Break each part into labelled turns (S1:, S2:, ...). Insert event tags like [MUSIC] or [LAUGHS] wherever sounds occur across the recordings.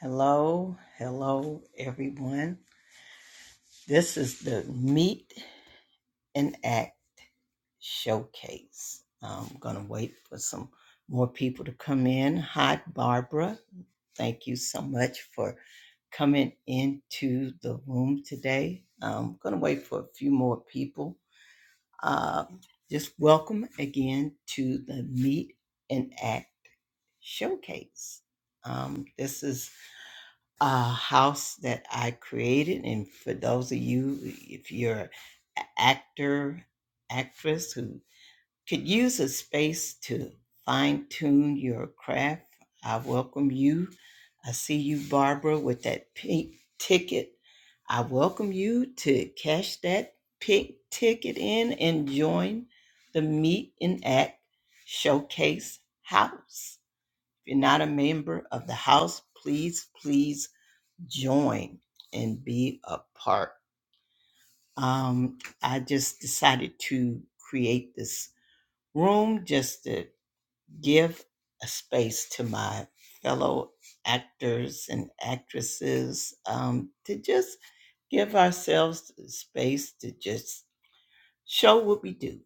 S1: Hello, hello, everyone. This is the Meet and Act Showcase. I'm going to wait for some more people to come in. Hi, Barbara. Thank you so much for coming into the room today. I'm going to wait for a few more people. Uh, just welcome again to the Meet and Act Showcase. Um, this is a house that I created. And for those of you, if you're an actor, actress who could use a space to fine tune your craft, I welcome you. I see you, Barbara, with that pink ticket. I welcome you to cash that pink ticket in and join the Meet and Act Showcase House. If you're not a member of the house, please, please join and be a part. Um, I just decided to create this room just to give a space to my fellow actors and actresses um, to just give ourselves the space to just show what we do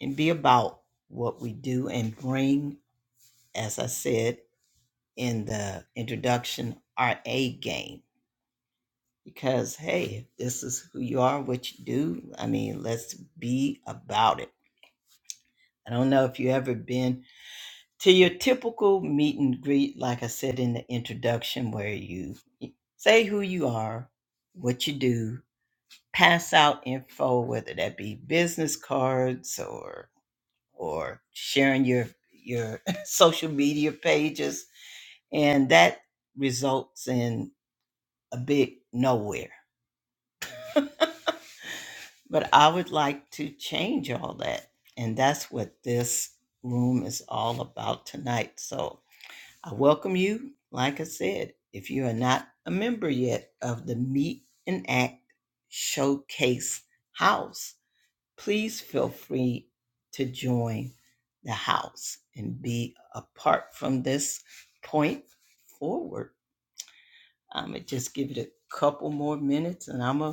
S1: and be about what we do and bring, as I said in the introduction, our A game because hey this is who you are what you do i mean let's be about it i don't know if you ever been to your typical meet and greet like i said in the introduction where you say who you are what you do pass out info whether that be business cards or or sharing your your [LAUGHS] social media pages and that results in a big nowhere But I would like to change all that. And that's what this room is all about tonight. So I welcome you. Like I said, if you are not a member yet of the Meet and Act Showcase House, please feel free to join the house and be apart from this point forward. I'm going to just give it a couple more minutes and I'm going to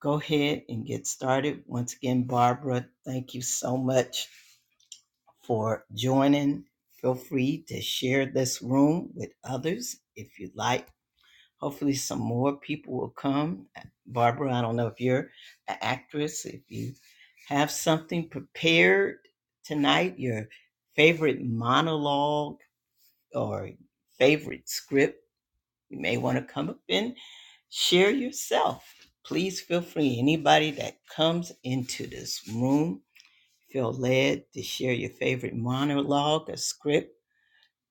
S1: go ahead and get started. Once again, Barbara, thank you so much for joining. Feel free to share this room with others if you'd like. Hopefully, some more people will come. Barbara, I don't know if you're an actress, if you have something prepared tonight, your favorite monologue or favorite script you may want to come up and share yourself. Please feel free. Anybody that comes into this room, feel led to share your favorite monologue or script,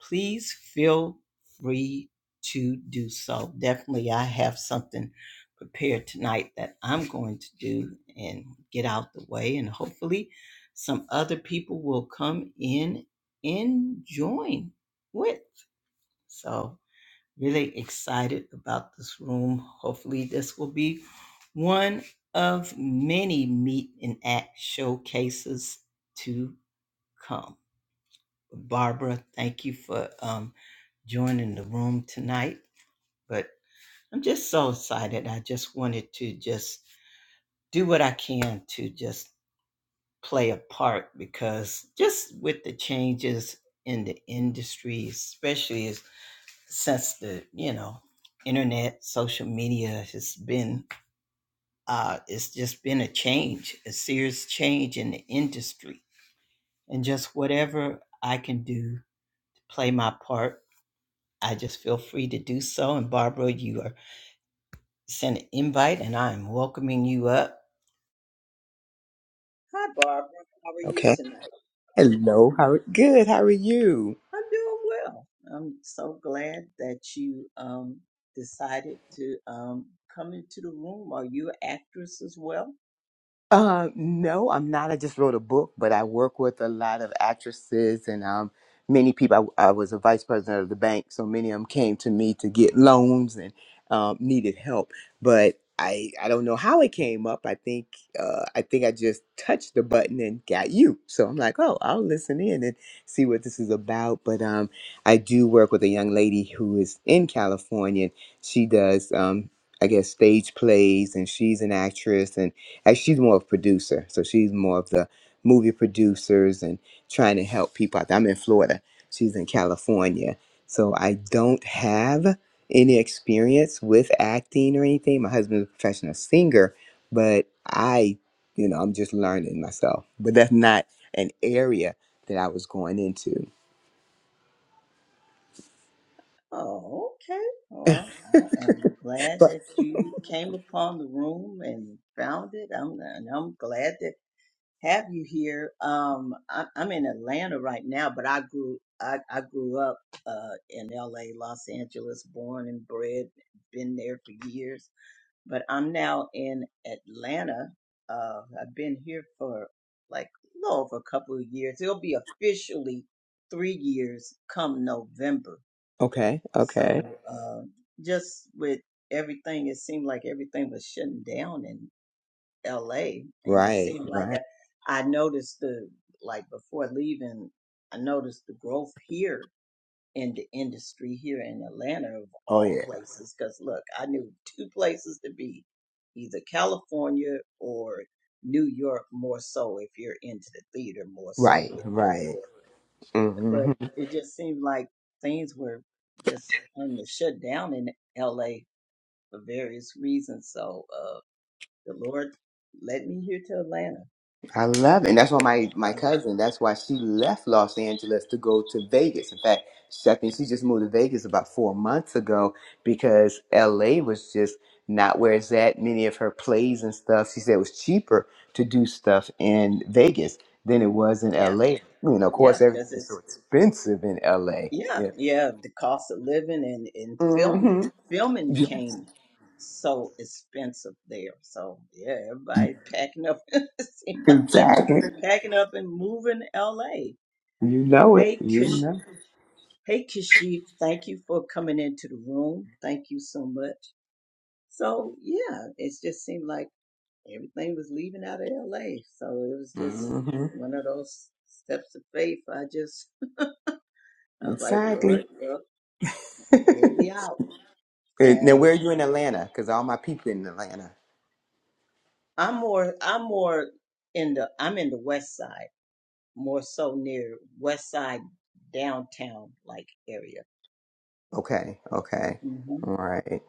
S1: please feel free to do so. Definitely, I have something prepared tonight that I'm going to do and get out the way, and hopefully, some other people will come in and join with. So, Really excited about this room. Hopefully, this will be one of many meet and act showcases to come. Barbara, thank you for um, joining the room tonight. But I'm just so excited. I just wanted to just do what I can to just play a part because just with the changes in the industry, especially as since the you know internet social media has been uh it's just been a change a serious change in the industry and just whatever i can do to play my part i just feel free to do so and barbara you are sent an invite and i'm welcoming you up hi barbara how are you
S2: Okay.
S1: tonight
S2: Hello. How good? How are you?
S1: i'm doing well i'm so glad that you um decided to um come into the room are you an actress as well
S2: Uh, no, I'm not. I just wrote a book, but I work with a lot of actresses and um, many people. I, I was a vice president of the bank, so many of them came to me to get loans and um, needed help. But I, I don't know how it came up. I think uh, I think I just touched the button and got you. So I'm like, oh, I'll listen in and see what this is about. But um, I do work with a young lady who is in California. She does um, I guess stage plays, and she's an actress, Actually, she's more of a producer, so she's more of the movie producers and trying to help people out. there. I'm in Florida. She's in California, so I don't have any experience with acting or anything. My husband's a professional singer, but I, you know, I'm just learning myself. But that's not an area that I was going into.
S1: Oh, okay. Well, I am glad
S2: But
S1: that you came upon the room and found it. I'm and I'm glad to have you here. Um, I, I'm in Atlanta right now, but I grew I, I grew up uh in L.A., Los Angeles, born and bred, been there for years. But I'm now in Atlanta. Uh, I've been here for like a little over a couple of years. It'll be officially three years come November
S2: okay, okay,
S1: so uh, just with everything, it seemed like everything was shutting down in L.A. And it
S2: right,
S1: seemed like
S2: right.
S1: I, I noticed the like before leaving, I noticed the growth here in the industry here in Atlanta of
S2: Oh
S1: all
S2: yeah,
S1: places. Because look, I knew two places to be, either California or New York more so if you're into the theater more so
S2: right,
S1: with New York
S2: right. hmm
S1: but it just seemed like things were just on the shut down in LA for various reasons. So uh, the Lord led me here to Atlanta.
S2: I love it. And that's why
S1: So
S2: my, my
S1: uh,
S2: cousin, that's why she left Los Angeles to go to Vegas. In fact, she- I think she just moved to Vegas about four months ago because LA was just not where it's at. Many of her plays and stuff, she said it was cheaper to do stuff in Vegas than it was in
S1: yeah,
S2: LA. You know, of
S1: yeah,
S2: course, everything
S1: because
S2: is so
S1: it's
S2: expensive in LA.
S1: yeah,
S2: Yeah.
S1: yeah, the cost of living and and filming,
S2: Mm-hmm.
S1: filming
S2: Yeah,
S1: came so expensive there. So yeah, everybody packing up. [LAUGHS] it seemed like they're
S2: exactly.
S1: packing up and moving LA.
S2: You know it.
S1: Hey,
S2: You know.
S1: Hey, Kashif, thank you for coming into the room. Thank you so much. So, yeah, it just seemed like everything was leaving out of LA. So it was just
S2: Mm-hmm.
S1: one of those steps of faith. I just, I was like,
S2: Exactly.
S1: Lord, well,
S2: [LAUGHS]
S1: hit me out.
S2: And now,
S1: And
S2: where are you in Atlanta? Because all my people in Atlanta.
S1: I'm more, I'm more in the, I'm in the west side, more so near west side downtown like area.
S2: Okay, okay,
S1: hmm
S2: all right.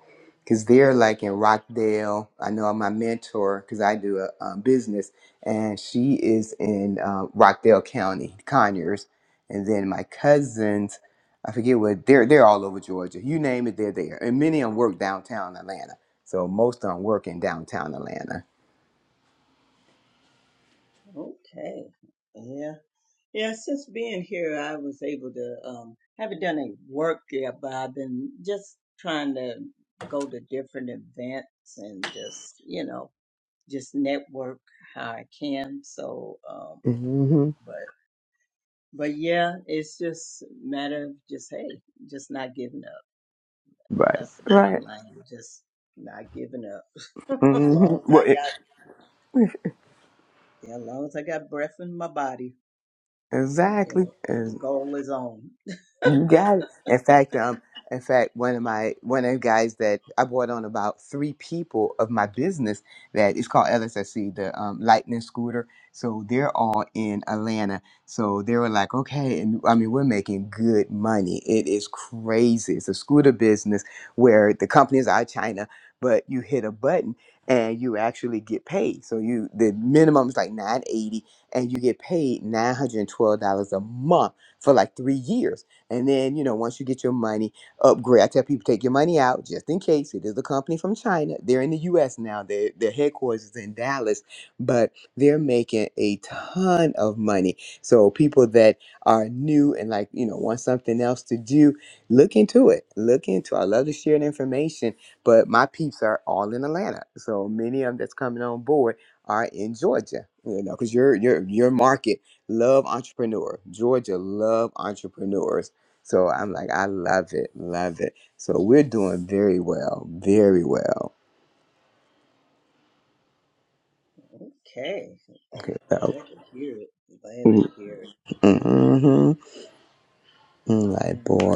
S2: Because they're like in Rockdale. I know my mentor, because I do a, um business, and she is in uh, Rockdale County, Conyers. And then my cousins, I forget what they're they're all over Georgia. You name it, they're there. And many of them work downtown Atlanta. So most of them work in downtown Atlanta.
S1: Okay. Yeah. Yeah, since being here, I was able to um haven't done any work yet, but I've been just trying to go to different events and just you know just network how I can. So, um,
S2: hmm
S1: but but yeah, it's just a matter of just hey, just not giving up.
S2: Right.
S1: That's the bottom
S2: Right.
S1: line. Just not giving up. [LAUGHS] as
S2: hmm
S1: long as
S2: Well,
S1: I
S2: it,
S1: got, yeah, as long as I got breath in my body, you
S2: exactly.
S1: know, the goal is on.
S2: You got it. In fact, um, in fact, one of my one of the guys that I brought on about three people of my business that is called LSSC, the um, Lightning Scooter. So they're all in Atlanta. So they were like, okay, and I mean, we're making good money. It is crazy. It's a scooter business where the companies are China, but you hit a button and you actually get paid. So you the minimum is like nine eighty, and you get paid nine hundred and twelve dollars a month for like three years. And then, you know, once you get your money upgrade, I tell people take your money out just in case. It is a company from China. They're in the US now. Their their headquarters is in Dallas, but they're making a ton of money. So people that are new and like, you know, want something else to do, look into it. Look into I love to share the information, but my peeps are all in Atlanta. So many of them that's coming on board are in Georgia. You know, because your your your market love entrepreneur. Georgia love entrepreneurs so I'm like, I love it, love it. So we're doing very well, very well.
S1: Okay. I'm
S2: Okay, so
S1: glad to hear it. Glad to hear it.
S2: mm-hmm, mm, like
S1: Yeah.
S2: boy,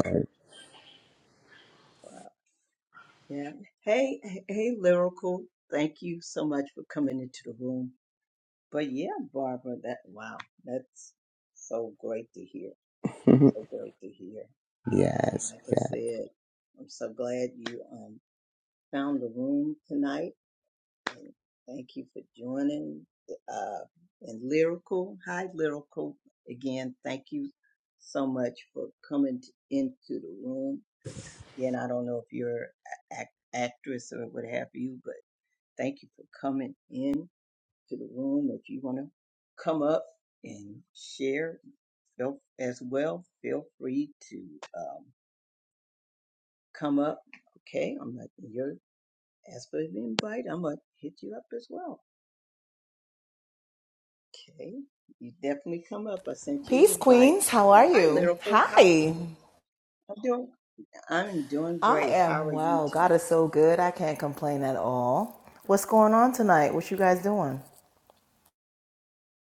S1: Wow. Yeah. Hey, hey, hey, lyrical. Thank you so much for coming into the room. But yeah, Barbara, that wow, that's so great to hear.
S2: [LAUGHS]
S1: So great to hear. And
S2: yes,
S1: like I
S2: yes,
S1: said, I'm so glad you um found the room tonight. and thank you for joining. Uh, and Lyrical, hi Lyrical. Again, thank you so much for coming t- into the room. Again, I don't know if you're an act- actress or what have you, but thank you for coming in to the room. If you want to come up and share feel, as well, feel free to um, come up. Okay, I'm gonna. you're, as for the invite, I'm going to hit you up as well. Okay, you definitely come up. I sent you
S3: Peace,
S1: an invite.
S3: Queens. How are
S1: Hi,
S3: you?
S1: Lyrical. How
S3: Hi.
S1: I'm doing? I'm doing
S3: I
S1: great. How
S3: am
S1: are you
S3: well.
S1: tonight?
S3: God is so good. I can't complain at all. What's going on tonight? What you guys doing?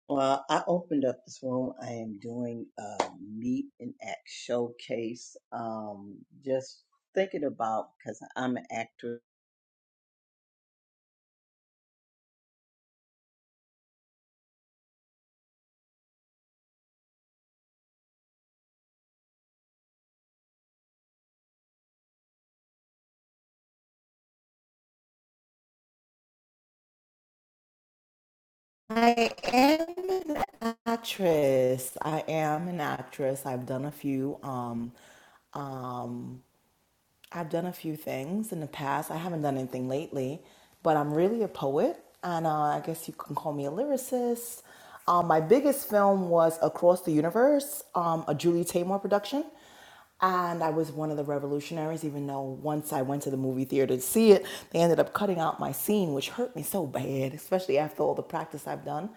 S1: Well, I opened up this room. I am doing a meet and act showcase. Um, just thinking about because I'm an actor.
S3: I am an actress. I am an actress. I've done a few. Um, uh, I've done a few things in the past. I haven't done anything lately, but I'm really a poet, and uh, I guess you can call me a lyricist. Um, my biggest film was Across the Universe, um, a Julie Taymor production, and I was one of the revolutionaries. Even though once I went to the movie theater to see it, they ended up cutting out my scene, which hurt me so bad, [LAUGHS] especially after all the practice I've done.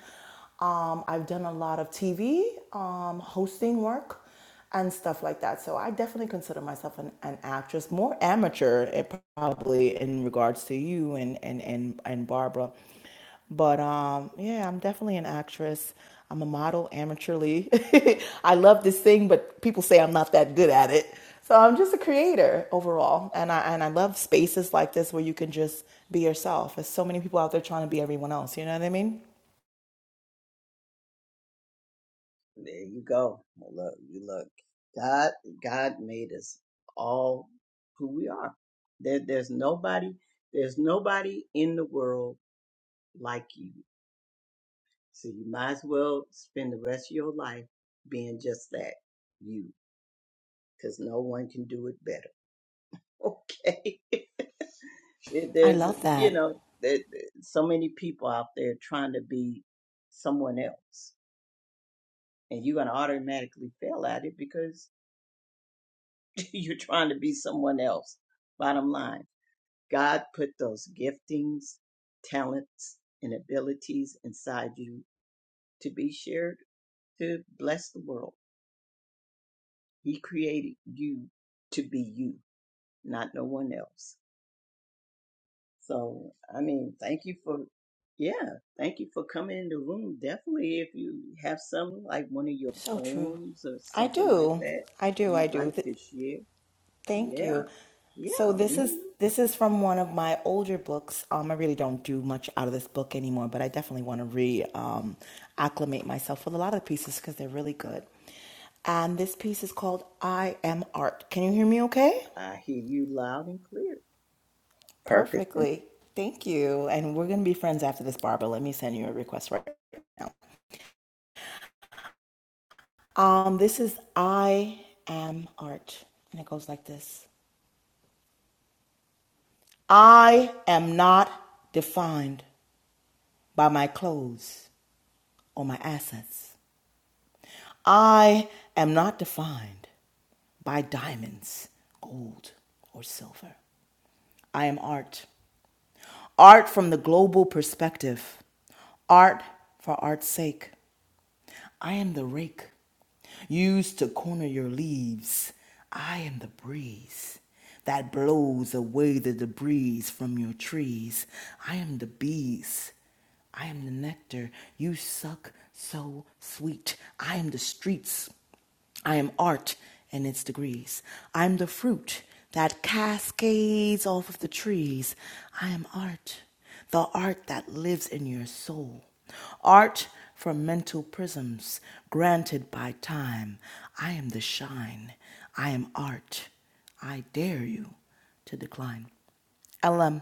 S3: Um, I've done a lot of TV um, hosting work and stuff like that. So I definitely consider myself an, an actress, more amateur eh, probably in regards to you and and and, and Barbara. But um, yeah, I'm definitely an actress. I'm a model amateurly. [LAUGHS] I love to sing, but people say I'm not that good at it. So I'm just a creator overall, and I and I love spaces like this where you can just be yourself. There's so many people out there trying to be everyone else. You know what I mean?
S1: There you go. Well, Look, you look. God, God made us all who we are. There, there's nobody. There's nobody in the world like you. So you might as well spend the rest of your life being just that you, because no one can do it better. [LAUGHS] Okay. It-
S3: I
S1: There's,
S3: love
S1: you
S3: that.
S1: know, there, there- so many people out there trying to be someone else, and you're going to automatically fail at it because [LAUGHS] you're trying to be someone else. Bottom line, God put those giftings, talents, and abilities inside you to be shared to bless the world. He created you to be you, not no one else. So, I mean, thank you for, yeah, thank you for coming in the room. Definitely, if you have some, like one of your
S3: So true.
S1: poems or
S3: I
S1: something like
S3: do.
S1: that
S3: I do. I
S1: you'd like
S3: do.
S1: to share,
S3: Thank
S1: yeah,
S3: you. So
S1: yeah.
S3: this
S1: mhm.
S3: is this is from one of my older books. Um, I really don't do much out of this book anymore, but I definitely want to re um, acclimate myself with a lot of the pieces because they're really good. And this piece is called "I Am Art." Can you hear me? Okay,
S1: I hear you loud and clear.
S2: perfect. That's
S3: perfectly. Thank you. And we're gonna be friends after this, Barbara. Let me send you a request right. now. Um, this is "I Am Art," and it goes like this: I am not defined by my clothes. or my assets. I am not defined by diamonds, gold, or silver. I am art. Art from the global perspective, art for art's sake. I am the rake used to corner your leaves. I am the breeze that blows away the debris from your trees. I am the bees. I am the nectar you suck so sweet. I am the streets I am art and its degrees. I'm the fruit that cascades off of the trees. I am art, the art that lives in your soul. Art from mental prisms granted by time. I am the shine. I am art. I dare you to decline. LM.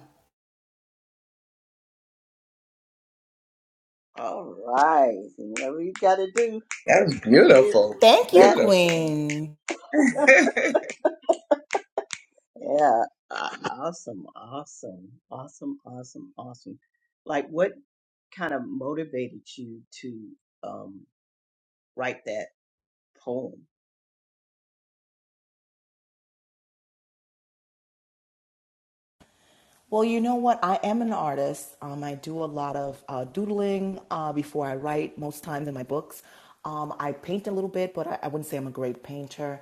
S1: All right. so whatever you got to do. You
S2: beautiful,
S3: Thank you,
S1: hear?
S2: beautiful,
S3: Queen.
S1: Yeah, a- awesome, awesome, awesome, awesome, awesome. Like, what kind of motivated you to um, write that poem?
S3: Well, you know what? I am an artist. Um, I do a lot of uh, doodling uh, before I write, most times in my books. Um, I paint a little bit, but I, I wouldn't say I'm a great painter.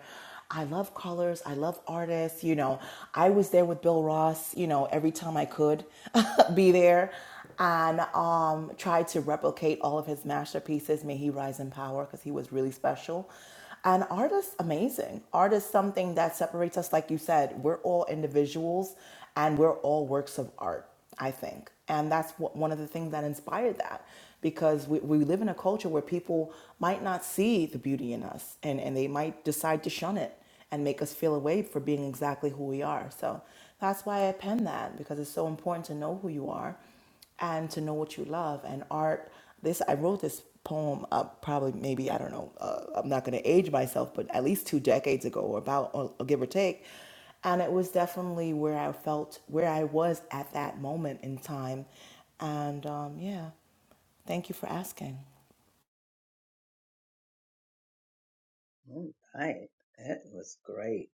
S3: I love colors. I love artists. You know, I was there with Bill Ross, you know, every time I could [LAUGHS] be there and um, tried to replicate all of his masterpieces. May he rise in power because he was really special. And art is amazing. Art is something that separates us. Like you said, we're all individuals and we're all works of art, I think. And that's what, one of the things that inspired that because we, we live in a culture where people might not see the beauty in us and, and they might decide to shun it and make us feel away for being exactly who we are. So that's why I penned that because it's so important to know who you are and to know what you love and art this i wrote this poem uh, probably maybe i don't know uh, i'm not going to age myself but at least two decades ago or about or, or give or take and it was definitely where i felt where i was at that moment in time and um, yeah thank you for asking
S1: Oh, Right, that was great,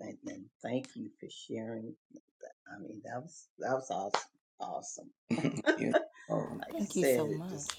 S1: and, and thank you for sharing. I mean, that was that was awesome, awesome.
S2: [LAUGHS] beautiful.
S1: Like you
S3: thank you
S1: said,
S3: so
S1: just
S3: much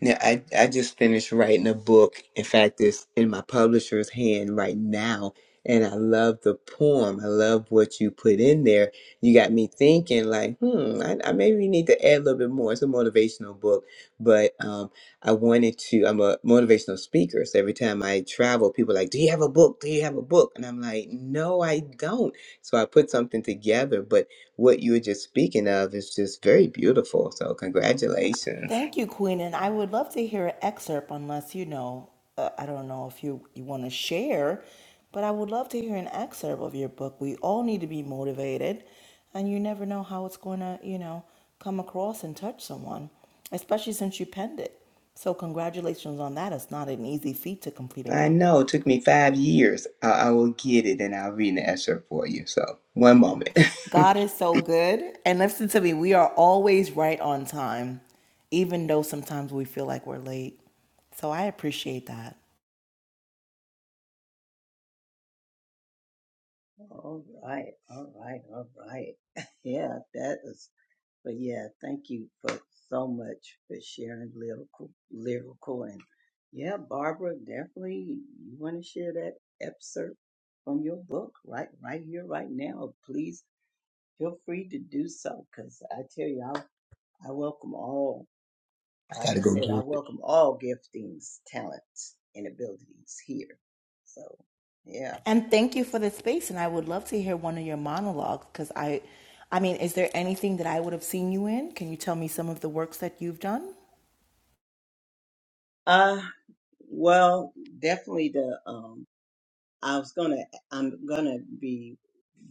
S2: Yeah, I, I just finished writing a book. In fact, it's in my publisher's hand right now. And I love the poem. I love what you put in there. You got me thinking, like, hmm, I, I maybe need to add a little bit more. It's a motivational book, but um, I wanted to. I'm a motivational speaker, so every time I travel, people are like, "Do you have a book? Do you have a book?" And I'm like, "No, I don't." So I put something together. But what you were just speaking of is just very beautiful. So congratulations.
S3: Thank you, Queen. And I would love to hear an excerpt, unless you know, uh, I don't know if you, you want to share, but I would love to hear an excerpt of your book. We all need to be motivated, and you never know how it's going to, you know, come across and touch someone, especially since you penned it. So, congratulations on that. It's not an easy feat to complete a
S2: I
S3: book.
S2: know it took me five years. I, I will get it and I'll read the excerpt for you. So, one moment. [LAUGHS] I
S3: God is so good. And listen to me, we are always right on time, even though sometimes we feel like we're late. So, I appreciate that.
S1: all right, all right, all right. [LAUGHS] Yeah, that is. But yeah, thank you for so much for sharing lyrical, lyrical, and yeah, Barbara, definitely you want to share that excerpt from your book right, right here, right now. Please feel free to do so, because I tell you, I, I welcome all. Like
S2: gotta
S1: I
S2: go
S1: said, I
S2: get it.
S1: welcome all giftings, talents, and abilities here. So yeah,
S3: And thank you for the space. And I would love to hear one of your monologues because I, I mean, is there anything that I would have seen you in? Can you tell me some of the works that you've done?
S1: uh, well, definitely the um I was gonna, I'm gonna be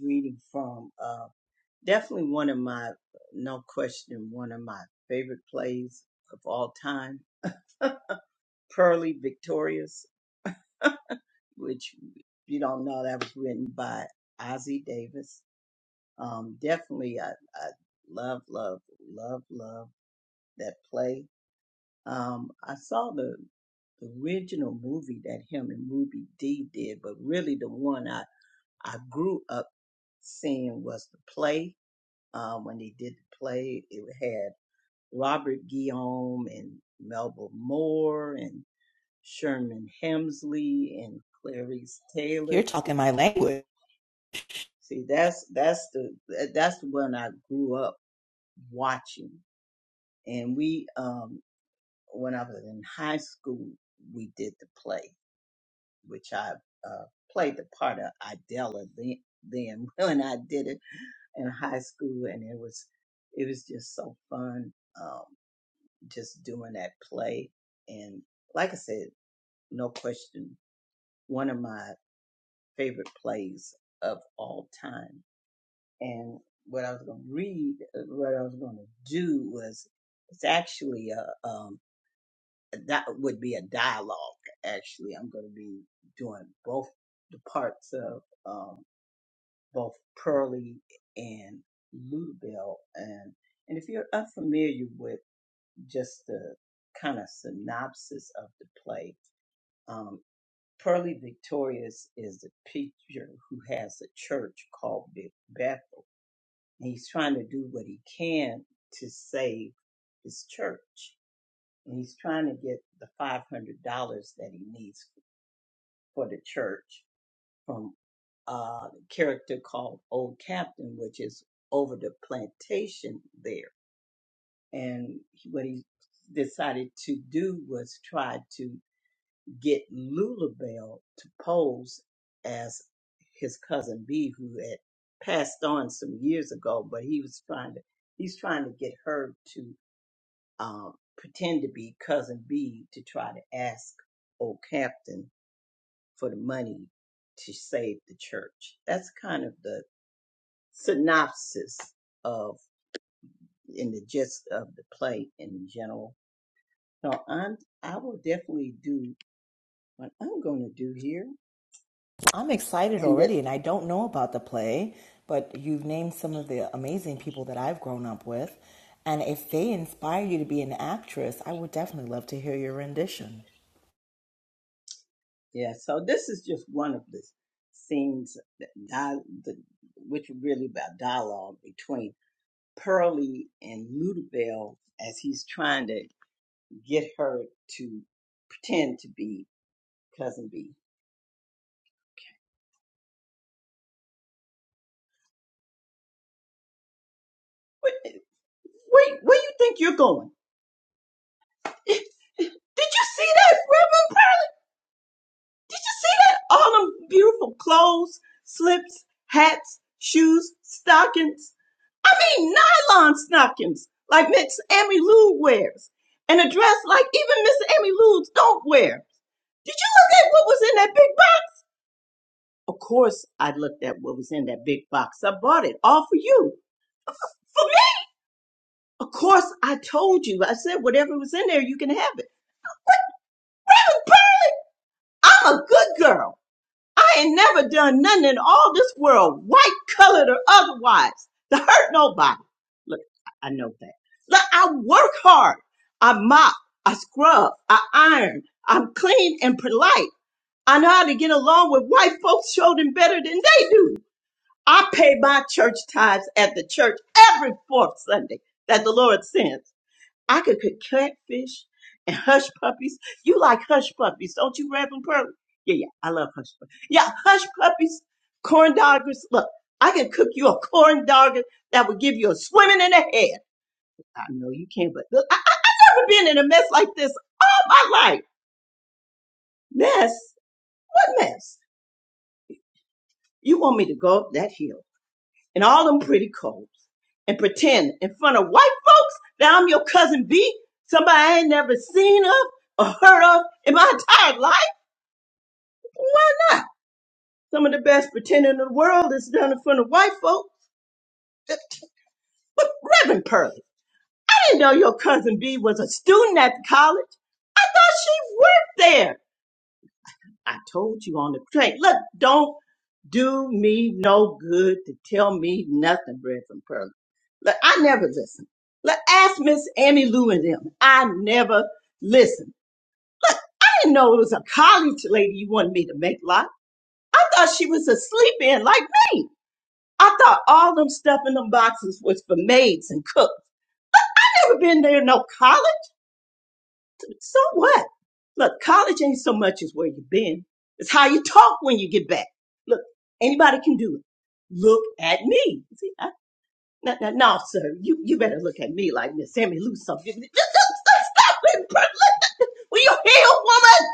S1: reading from uh, definitely one of my, no question, one of my favorite plays of all time, Pearly Victorious, which if you don't know that was written by Ozzie Davis. Um, definitely, I, I love, love, love, love that play. Um, I saw the original movie that him and Ruby Dee did, but really the one I I grew up seeing was the play. Um, when they did the play, it had Robert Guillaume and Melba Moore and Sherman Hemsley and Clarice
S3: You're
S1: Taylor.
S3: talking my language.
S1: See, that's that's the that's the one I grew up watching. And we, um, when I was in high school, we did the play, which I uh, played the part of Idella then. Then [LAUGHS] when I did it. in high school and it was it was just so fun um just doing that play and like I said, no question, one of my favorite plays of all time. And what I was going to read, uh, what I was going to do was it's actually a um that would be a dialogue actually. I'm going to be doing both the parts of um both Pearlie and Ludabelle. And, and if you're unfamiliar with just the kind of synopsis of the play, um, Pearlie Victorious is a preacher who has a church called Big Bethel. And he's trying to do what he can to save his church. And he's trying to get the $500 that he needs for the church from uh, character called Old Captain, which is over the plantation there. And he- what he decided to do was try to get Lulabelle to pose as his cousin B, who had passed on some years ago, but he was trying to he's trying to get her to um, pretend to be cousin B to try to ask Old Captain for the money to save the church. That's kind of the synopsis of in the gist of the play in general. So I'm I will definitely do what I'm going to do here,
S3: I'm excited
S1: and this
S3: already, and I don't know about the play, but you've named some of the amazing people that I've grown up with. And if they inspire you to be an actress, I would definitely love to hear your rendition.
S1: yeah. So this is just one of the scenes that di- the, which are really about dialogue between Pearlie and Ludabelle as he's trying to get her to pretend to be cousin B. Wait, wait, where you think you're going? [LAUGHS] Did you see that, Reverend? see that all them beautiful clothes, slips, hats, shoes, stockings. I mean, nylon stockings like Miss Amy Lou wears, and a dress like even Miss Amy Lou's don't wear. Did you look at what was in that big box? Of course, I looked at what was in that big box. I bought it all for you. For me. Of course, I told you. I said whatever was in there, you can have it. I'm a good girl. I ain't never done nothing in all this world, white, colored, or otherwise, to hurt nobody. Look, I I know that. Look, I work hard. I mop, I scrub, I iron. I'm clean and polite. I know how to get along with white folks children better than they do. I pay my church tithes at the church every fourth Sunday that the Lord sends. I could cook catfish and hush puppies. You like hush puppies, don't you, Reverend Pearl? Yeah, yeah, I love hush puppies. Yeah, hush puppies, corn doggers. Look, I can cook you a corn dogger that would give you a swimming in the head. I know you can't, but look, I've never been in a mess like this all my life. Mess? What mess? You want me to go up that hill and all them pretty colds and pretend in front of white folks that I'm your cousin B, somebody I ain't never seen of or heard of in my entire life? Why not? Some of the best pretending in the world is done in front of white folk. But [LAUGHS] Reverend Pearlie, I didn't know your cousin B was a student at the college. I thought she worked there. I told you on the train. Look, don't do me no good to tell me nothing, Reverend Pearlie. Look, I never listen. Look, ask Miss Amy Lou and them. I never listen. I didn't know it was a college lady you wanted me to make love. I thought she was a sleep in like me. I thought all them stuff in them boxes was for maids and cooks. I ever been there, no college? So what? Look, college ain't so much as where you been. It's how you talk when you get back. Look, anybody can do it. Look at me. See, I, no, no, no, sir. You, you better look at me like Miss Sammy Lou something. Just, just, just stop it, bro. Look, Will you heal, woman?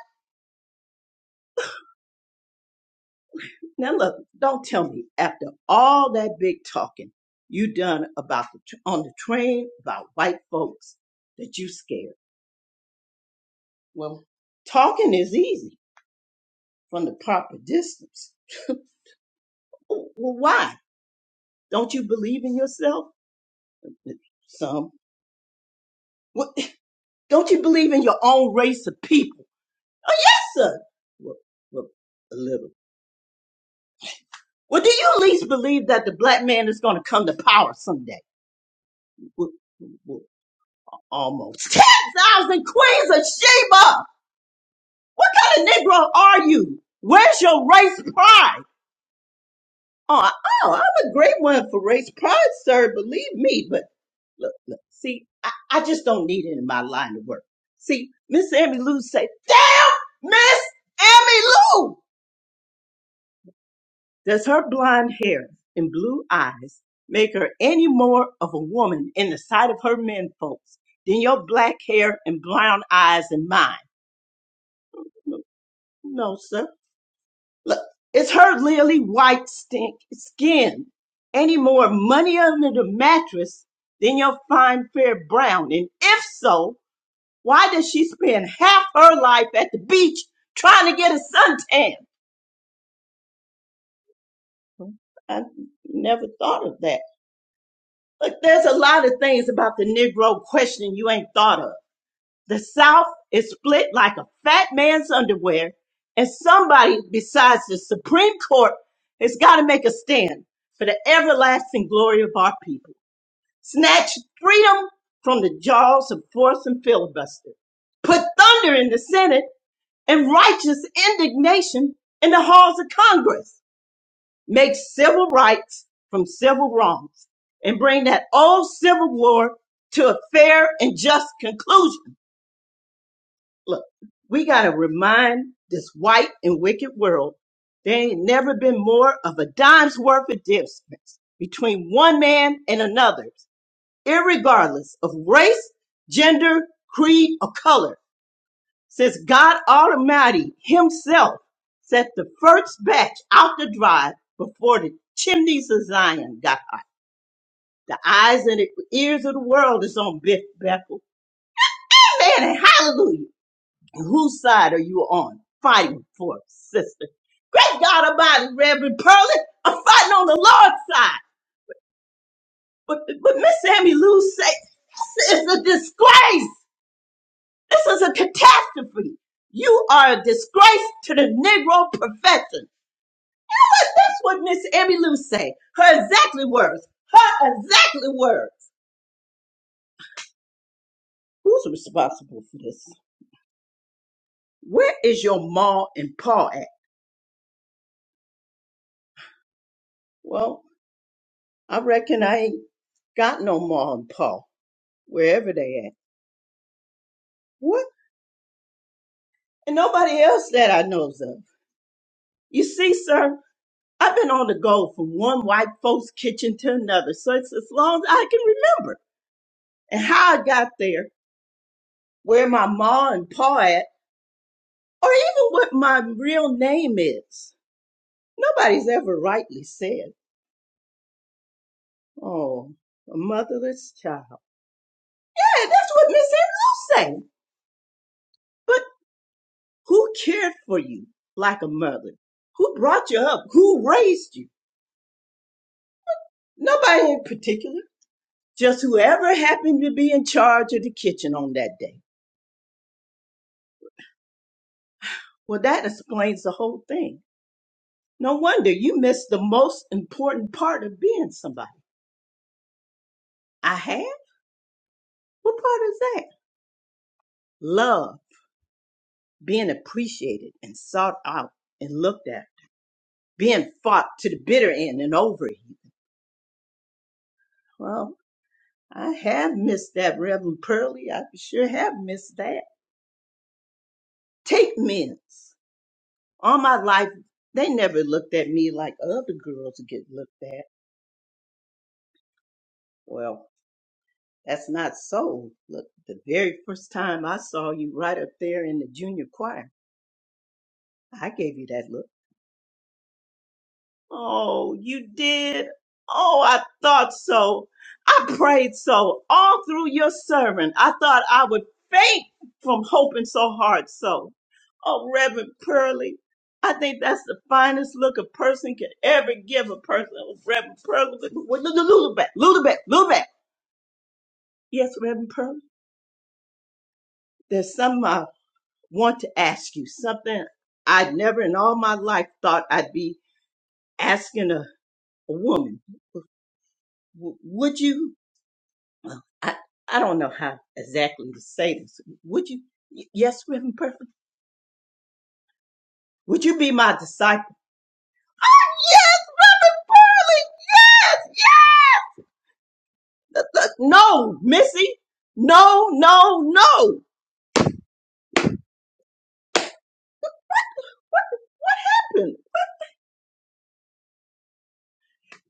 S1: Now look, don't tell me after all that big talking you done about the, tr- on the train about white folks that you scared. Well, talking is easy from the proper distance. Well, why? Don't you believe in yourself? Some. What, [LAUGHS] don't you believe in your own race of people? Yes, sir. Well, well, a little. Well, do you at least believe that the black man is going to come to power someday? Well, well, almost. [LAUGHS] 10,000 queens of Sheba! What kind of Negro are you? Where's your race pride? Oh, oh, I'm a great one for race pride, sir. Believe me. But look, look, see, I, I just don't need it in my line of work. See, Miss Emmy Lou say, damn, Miss Emmy Lou! Does her blonde hair and blue eyes make her any more of a woman in the sight of her men folks than your black hair and brown eyes and mine? No, sir. Look, is her lily white stink skin any more money under the mattress than your fine fair brown? And if so, why does she spend half her life at the beach trying to get a suntan? I never thought of that. Look, there's a lot of things about the Negro question you ain't thought of. The South is split like a fat man's underwear, and somebody besides the Supreme Court has got to make a stand for the everlasting glory of our people. Snatch freedom from the jaws of force and filibuster. Put thunder in the Senate and righteous indignation in the halls of Congress. Make civil rights from civil wrongs and bring that old civil war to a fair and just conclusion Look, we got to remind this white and wicked world there ain't never been more of a dime's worth of difference between one man and another, irregardless of race, gender, creed, or color, since God Almighty Himself set the first batch out the drive before the chimneys of Zion got hot. The eyes and the ears of the world is on Beth Bethel. Amen and hallelujah. And Whose side are you on? Fighting for, sister. Great God Almighty, Reverend Pearly, I'm fighting on the Lord's side. But but Miss Sammy Lou say this is a disgrace. This is a catastrophe. You are a disgrace to the Negro profession. That's what Miss Emmy Lou say. Her exactly words. Her exactly words. Who's responsible for this? Where is your ma and pa at? Well, I reckon I ain't got no ma and pa. wherever they at. What? And nobody else that I knows of. You see, sir, I've been on the go from one white folks' kitchen to another, so it's as long as I can remember. And how I got there, where my ma and pa at, or even what my real name is. Nobody's ever rightly said, oh, a motherless child. Hey, that's what Miss Andrews say. But who cared for you like a mother? Who brought you up? Who raised you? Nobody in particular. just whoever happened to be in charge of the kitchen on that day. Well, that explains the whole thing. No wonder you missed the most important part of being somebody. I had? What part is that? Love, being appreciated and sought out and looked at, being fought to the bitter end and over you. Well, I have missed that, Reverend Pearlie. I sure have missed that. Take minutes. All my life, they never looked at me like other girls get looked at. Well, That's not so. Look, the very first time I saw you right up there in the junior choir, I gave you that look. Oh, you did? Oh, I thought so. I prayed so all through your sermon. I thought I would faint from hoping so hard so. Oh, Reverend Pearlie, I think that's the finest look a person can ever give a person. Oh, Reverend Pearlie, Lulu back, Lulu back, Lulu back. Yes, Reverend Pearlie. There's some uh, want to ask you something I'd never in all my life thought I'd be asking a, a woman. W- would you? I, I don't know how exactly to say this. Would you? y- Yes, Reverend Perfect. Would you be my disciple? Yes, Reverend Pearly. Yes, yes. yes! No, Missy. No, no, no.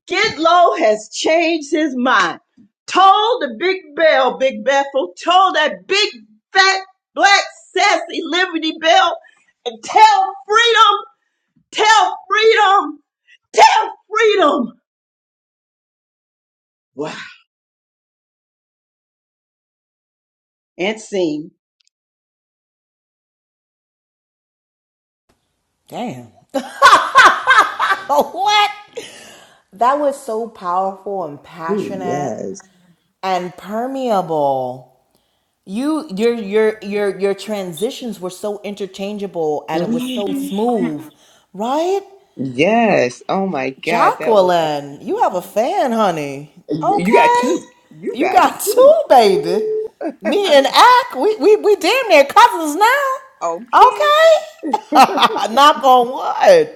S1: Skid Low has changed his mind. Told the big bell, Big Bethel, told that big fat black sassy Liberty Bell, and tell freedom, tell freedom, tell freedom. Wow, and sing.
S3: Damn. [LAUGHS] Oh, what? That was so powerful and
S2: Ooh,
S3: passionate
S2: yes.
S3: and permeable You your your your your transitions were so interchangeable and it was so
S2: Mhm.
S3: smooth, right?
S2: Yes. Oh my God, that was
S3: Jacqueline, you have a
S2: amazing.
S3: fan, honey.
S2: You you got
S3: Okay.
S2: two. You
S3: You
S2: got
S3: got [LAUGHS]
S2: two.
S3: two, baby.
S2: Ooh. [LAUGHS]
S3: Me and Ack, we we we damn near cousins now.
S2: okay.
S3: Okay. [LAUGHS] Knock on wood.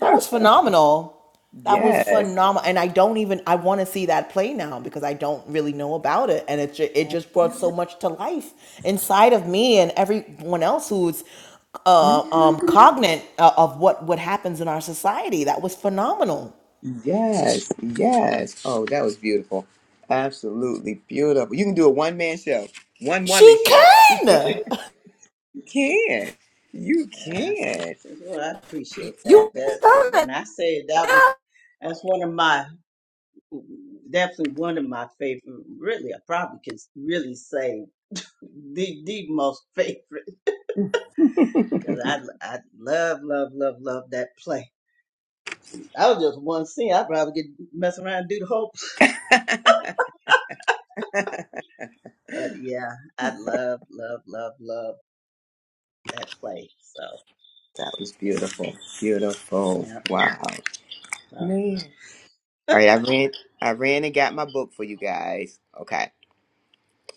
S3: That was phenomenal. That was
S2: Yes.
S3: phenomenal, and I don't even I want to see that play now because I don't really know about it, and it ju- it just brought so much to life inside of me and everyone else who's uh, um,
S2: Mhm.
S3: cognate uh, of what what happens in our society. That was phenomenal.
S2: Yes. Yes. Oh, that was beautiful. Absolutely beautiful. You can do a one man show, one woman
S3: She
S2: show.
S3: can. [LAUGHS]
S2: can. You
S1: Yeah,
S2: can.
S1: this is what I appreciate
S2: Oh,
S1: that.
S3: You
S2: that
S1: That
S3: can.
S1: when I say that was that's one of my definitely one of my favorite. Really, I probably can really say the the most [LAUGHS] favorite. Cause I, I love, love, love, love that play. I was just one scene. I'd rather get mess around and do the whole. [LAUGHS] play.
S2: [LAUGHS]
S1: But yeah, I love, love, love, love that play. So
S2: that was
S1: and
S2: beautiful. Beautiful.
S1: yeah,
S2: Wow. Man. All right, I ran I ran and got my book for you guys. Okay.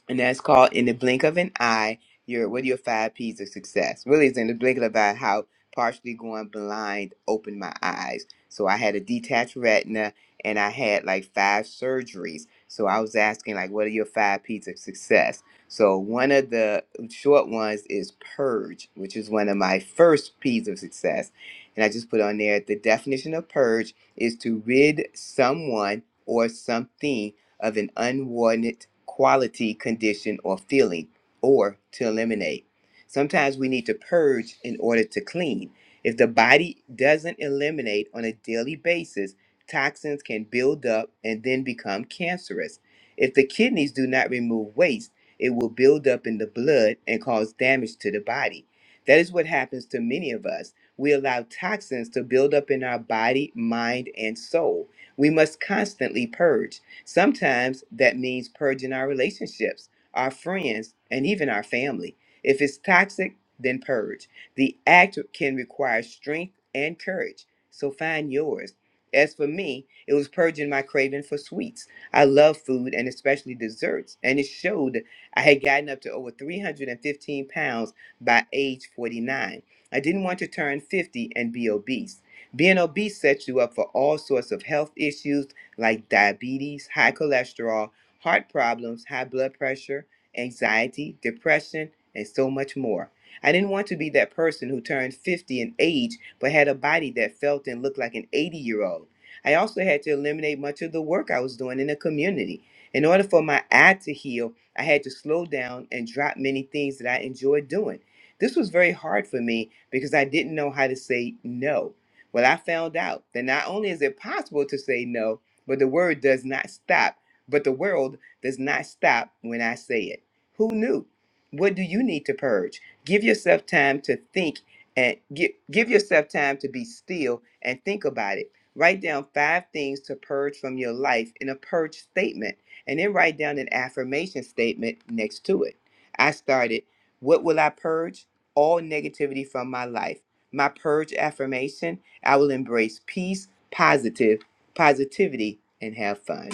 S2: and that's called in the blink of an eye your what are your five p's of success really it's in the blink of an eye how partially going blind opened my eyes so i had a detached retina and i had like five surgeries so i was asking like what are your five p's of success so one of the short ones is purge which is one of my first p's of success and i just put on there the definition of purge is to rid someone or something of an unwarranted quality, condition, or feeling, or to eliminate. Sometimes we need to purge in order to clean. If the body doesn't eliminate on a daily basis, toxins can build up and then become cancerous. If the kidneys do not remove waste, it will build up in the blood and cause damage to the body. That is what happens to many of us. We allow toxins to build up in our body, mind, and soul. We must constantly purge. Sometimes that means purging our relationships, our friends, and even our family. If it's toxic, then purge. The act can require strength and courage, so find yours. As for me, it was purging my craving for sweets. I love food and especially desserts, and it showed I had gotten up to over 315 pounds by age 49. I didn't want to turn 50 and be obese. Being obese sets you up for all sorts of health issues like diabetes, high cholesterol, heart problems, high blood pressure, anxiety, depression, and so much more. I didn't want to be that person who turned 50 in age but had a body that felt and looked like an 80 year old. I also had to eliminate much of the work I was doing in the community. In order for my eye to heal, I had to slow down and drop many things that I enjoyed doing. This was very hard for me because I didn't know how to say no. Well, I found out that not only is it possible to say no, but the word does not stop. But the world does not stop when I say it. Who knew? What do you need to purge? Give yourself time to think and give, give yourself time to be still and think about it. Write down five things to purge from your life in a purge statement and then write down an affirmation statement next to it. I started, What will I purge? All negativity from my life. My purge affirmation I will embrace peace, positive, positivity, and have fun.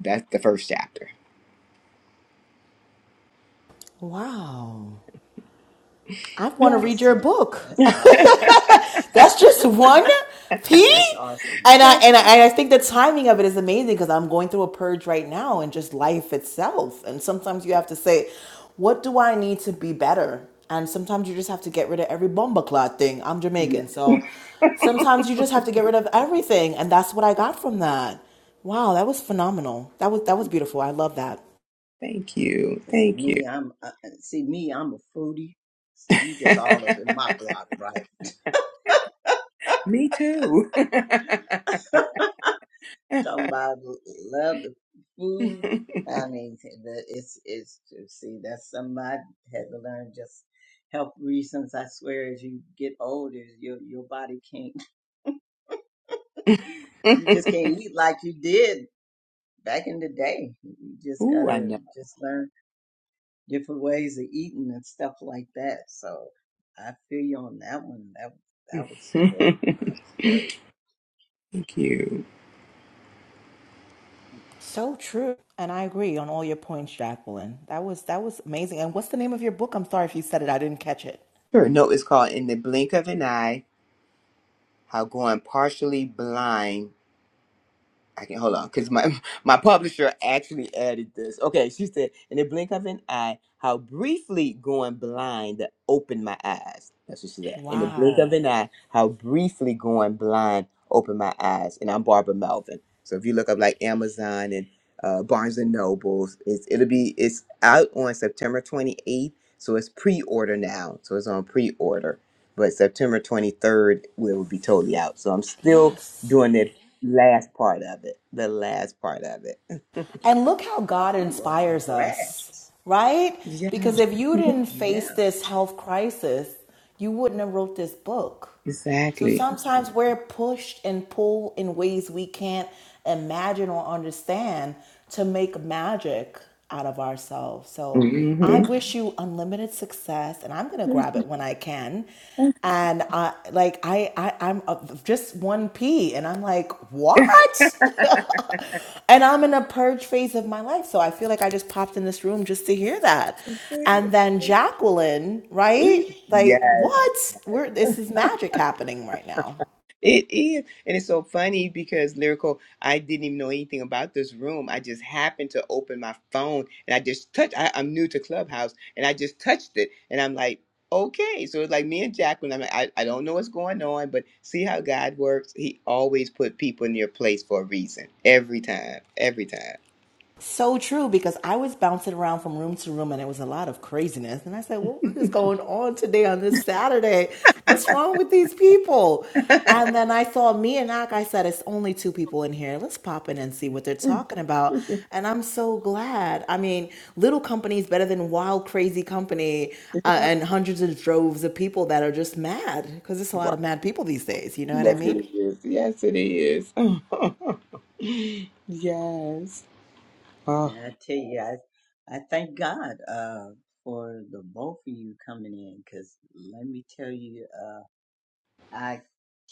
S2: That's the first chapter.
S3: Wow. I want to
S1: uh,
S2: Yes,
S3: read your
S1: awesome.
S3: book.
S1: That's awesome.
S3: [LAUGHS] That's just one P.
S1: That's awesome.
S3: And I,
S2: that's
S3: and I and I think the timing of it is amazing because I'm going through a purge right now and just life itself. And sometimes you have to say, what do I need to be better? And sometimes you just have to get rid of every bomba clot thing. I'm Jamaican, so sometimes you just have to get rid of everything. And that's what I got from that. Wow, that was phenomenal. That was that was beautiful. I love that.
S2: Thank you.
S1: And see
S2: Thank you.
S1: me, I'm uh, see me, I'm a foodie. So you
S2: [LAUGHS]
S1: just all up in my block, right?
S2: Me too. [LAUGHS]
S1: Somebody love the food. I mean, the- it's it's to see that somebody had to learn just health reasons. I swear, as you get older, your your body can't. [LAUGHS] You just can't eat like you did back in the day. You just
S2: Ooh, I
S1: gotta
S2: know.
S1: just learn different ways of eating and stuff like that. So I feel you on that one. That
S2: [LAUGHS]
S1: that was great.
S2: Thank
S1: That was great.
S2: you.
S3: So true. And I agree on all your points, Jacqueline. That was that was amazing. And what's the name of your book? I'm sorry if you said it. I didn't catch it.
S2: Her Note is called In the Blink of an Eye How Going Partially Blind I can hold on because my [LAUGHS] my publisher actually added this. Okay, she said, in the blink of an eye, how briefly going blind opened my eyes. That's what she said. In the blink of
S3: Wow.
S2: an eye, how briefly going blind opened my eyes. And I'm Barbara Melvin. So if you look up like Amazon and uh, Barnes and Nobles, it's it'll be it's out on September 28th. So it's pre-order now. So it's on pre-order, but September 23rd will be totally out. So I'm still
S3: Yes.
S2: doing it Last part of it. The last part of it.
S3: And look how God
S1: Oh well,
S3: inspires
S1: congrats.
S3: us, right?
S2: Yeah,
S3: Because if you didn't
S1: Yeah.
S3: face this health crisis, you wouldn't have wrote this book. So
S2: exactly.
S3: sometimes we're pushed and pulled in ways we can't imagine or understand to make magic out of ourselves. So I
S2: hmm
S3: wish you unlimited success, and I'm gonna grab it when I can. And I like I, I I'm uh, just one p, and I'm like, what? [LAUGHS] And I'm in a purge phase of my life. So I feel like I just popped in this room just to hear that. And then Jacqueline, right? Like,
S2: Yes,
S3: what? We're this is magic happening right now.
S2: it is. And it's so funny because Lyrical, I didn't even know anything about this room. I just happened to open my phone and I just touched, I, I'm new to Clubhouse and I just touched it. And I'm like, okay. So it's like me and Jacqueline, I'm like, I, I don't know what's going on, but see how God works? He always put people in their place for a reason. Every time, every time.
S3: So true because I was bouncing around from room to room and it was a lot of craziness. And I said, well, What is going on today on this Saturday? What's wrong with these people? And then I saw me and Ak. I said, It's only two people in here. Let's pop in and see what they're talking about. And I'm so glad. I mean, little company is better than wild, crazy company uh, and hundreds of droves of people that are just mad because it's a lot of mad people these days. You know what I
S2: Yes,
S3: mean?
S2: it is. Yes, it is. [LAUGHS] yes. Oh,
S1: Yeah, I tell you, I, I thank God uh, for the both of you coming in because let me tell you, uh, I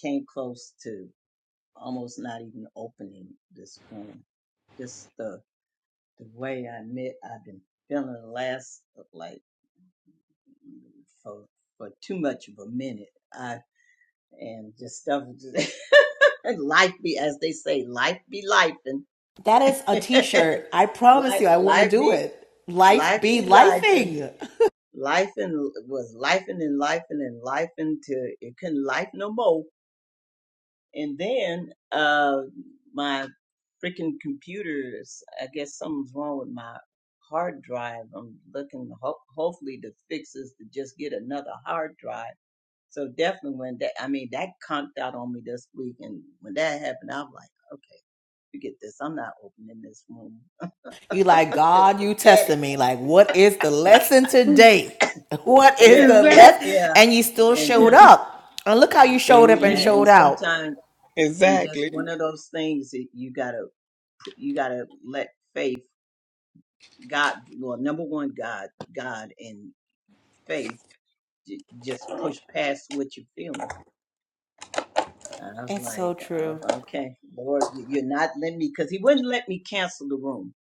S1: came close to almost not even opening this room. Just the the way I met, I've been feeling the last uh, like for for too much of a minute. I and just stuff, just [LAUGHS] and life be as they say, life be life and
S3: That is a
S1: [LAUGHS]
S3: t-shirt. I promise
S1: life
S3: you, I want to
S1: life
S3: do
S1: be
S3: it. Life
S1: life
S3: be
S1: be life
S3: lifing.
S1: life and was life and and life and and life until it couldn't life no more. And then uh my freaking computers, I guess something's wrong with my hard drive. I'm looking ho- hopefully to fix this to just get another hard drive. So definitely when that I mean that conked out on me this week and when that happened I'm like, okay, forget this. I'm not opening this room. [LAUGHS]
S3: You like,
S1: Just
S3: God, you
S1: forget it.
S3: testing me. Like, what is the lesson today? [LAUGHS] What is the
S1: Yeah. [CLEARS THROAT]
S2: exactly.
S3: lesson?
S1: yeah.
S3: And you still
S1: And
S3: showed
S1: just
S3: up. And look how you showed up and
S1: yeah,
S2: hmm
S1: and
S3: showed out.
S1: sometimes. and just
S2: Exactly.
S1: one of those things that you gotta pu- you gotta let faith god well number one god god and faith j- just push past what you're feeling and i was
S3: It's
S1: like
S3: so
S1: oh,
S3: true.
S1: okay lord you- you're not letting me because he wouldn't let me cancel the room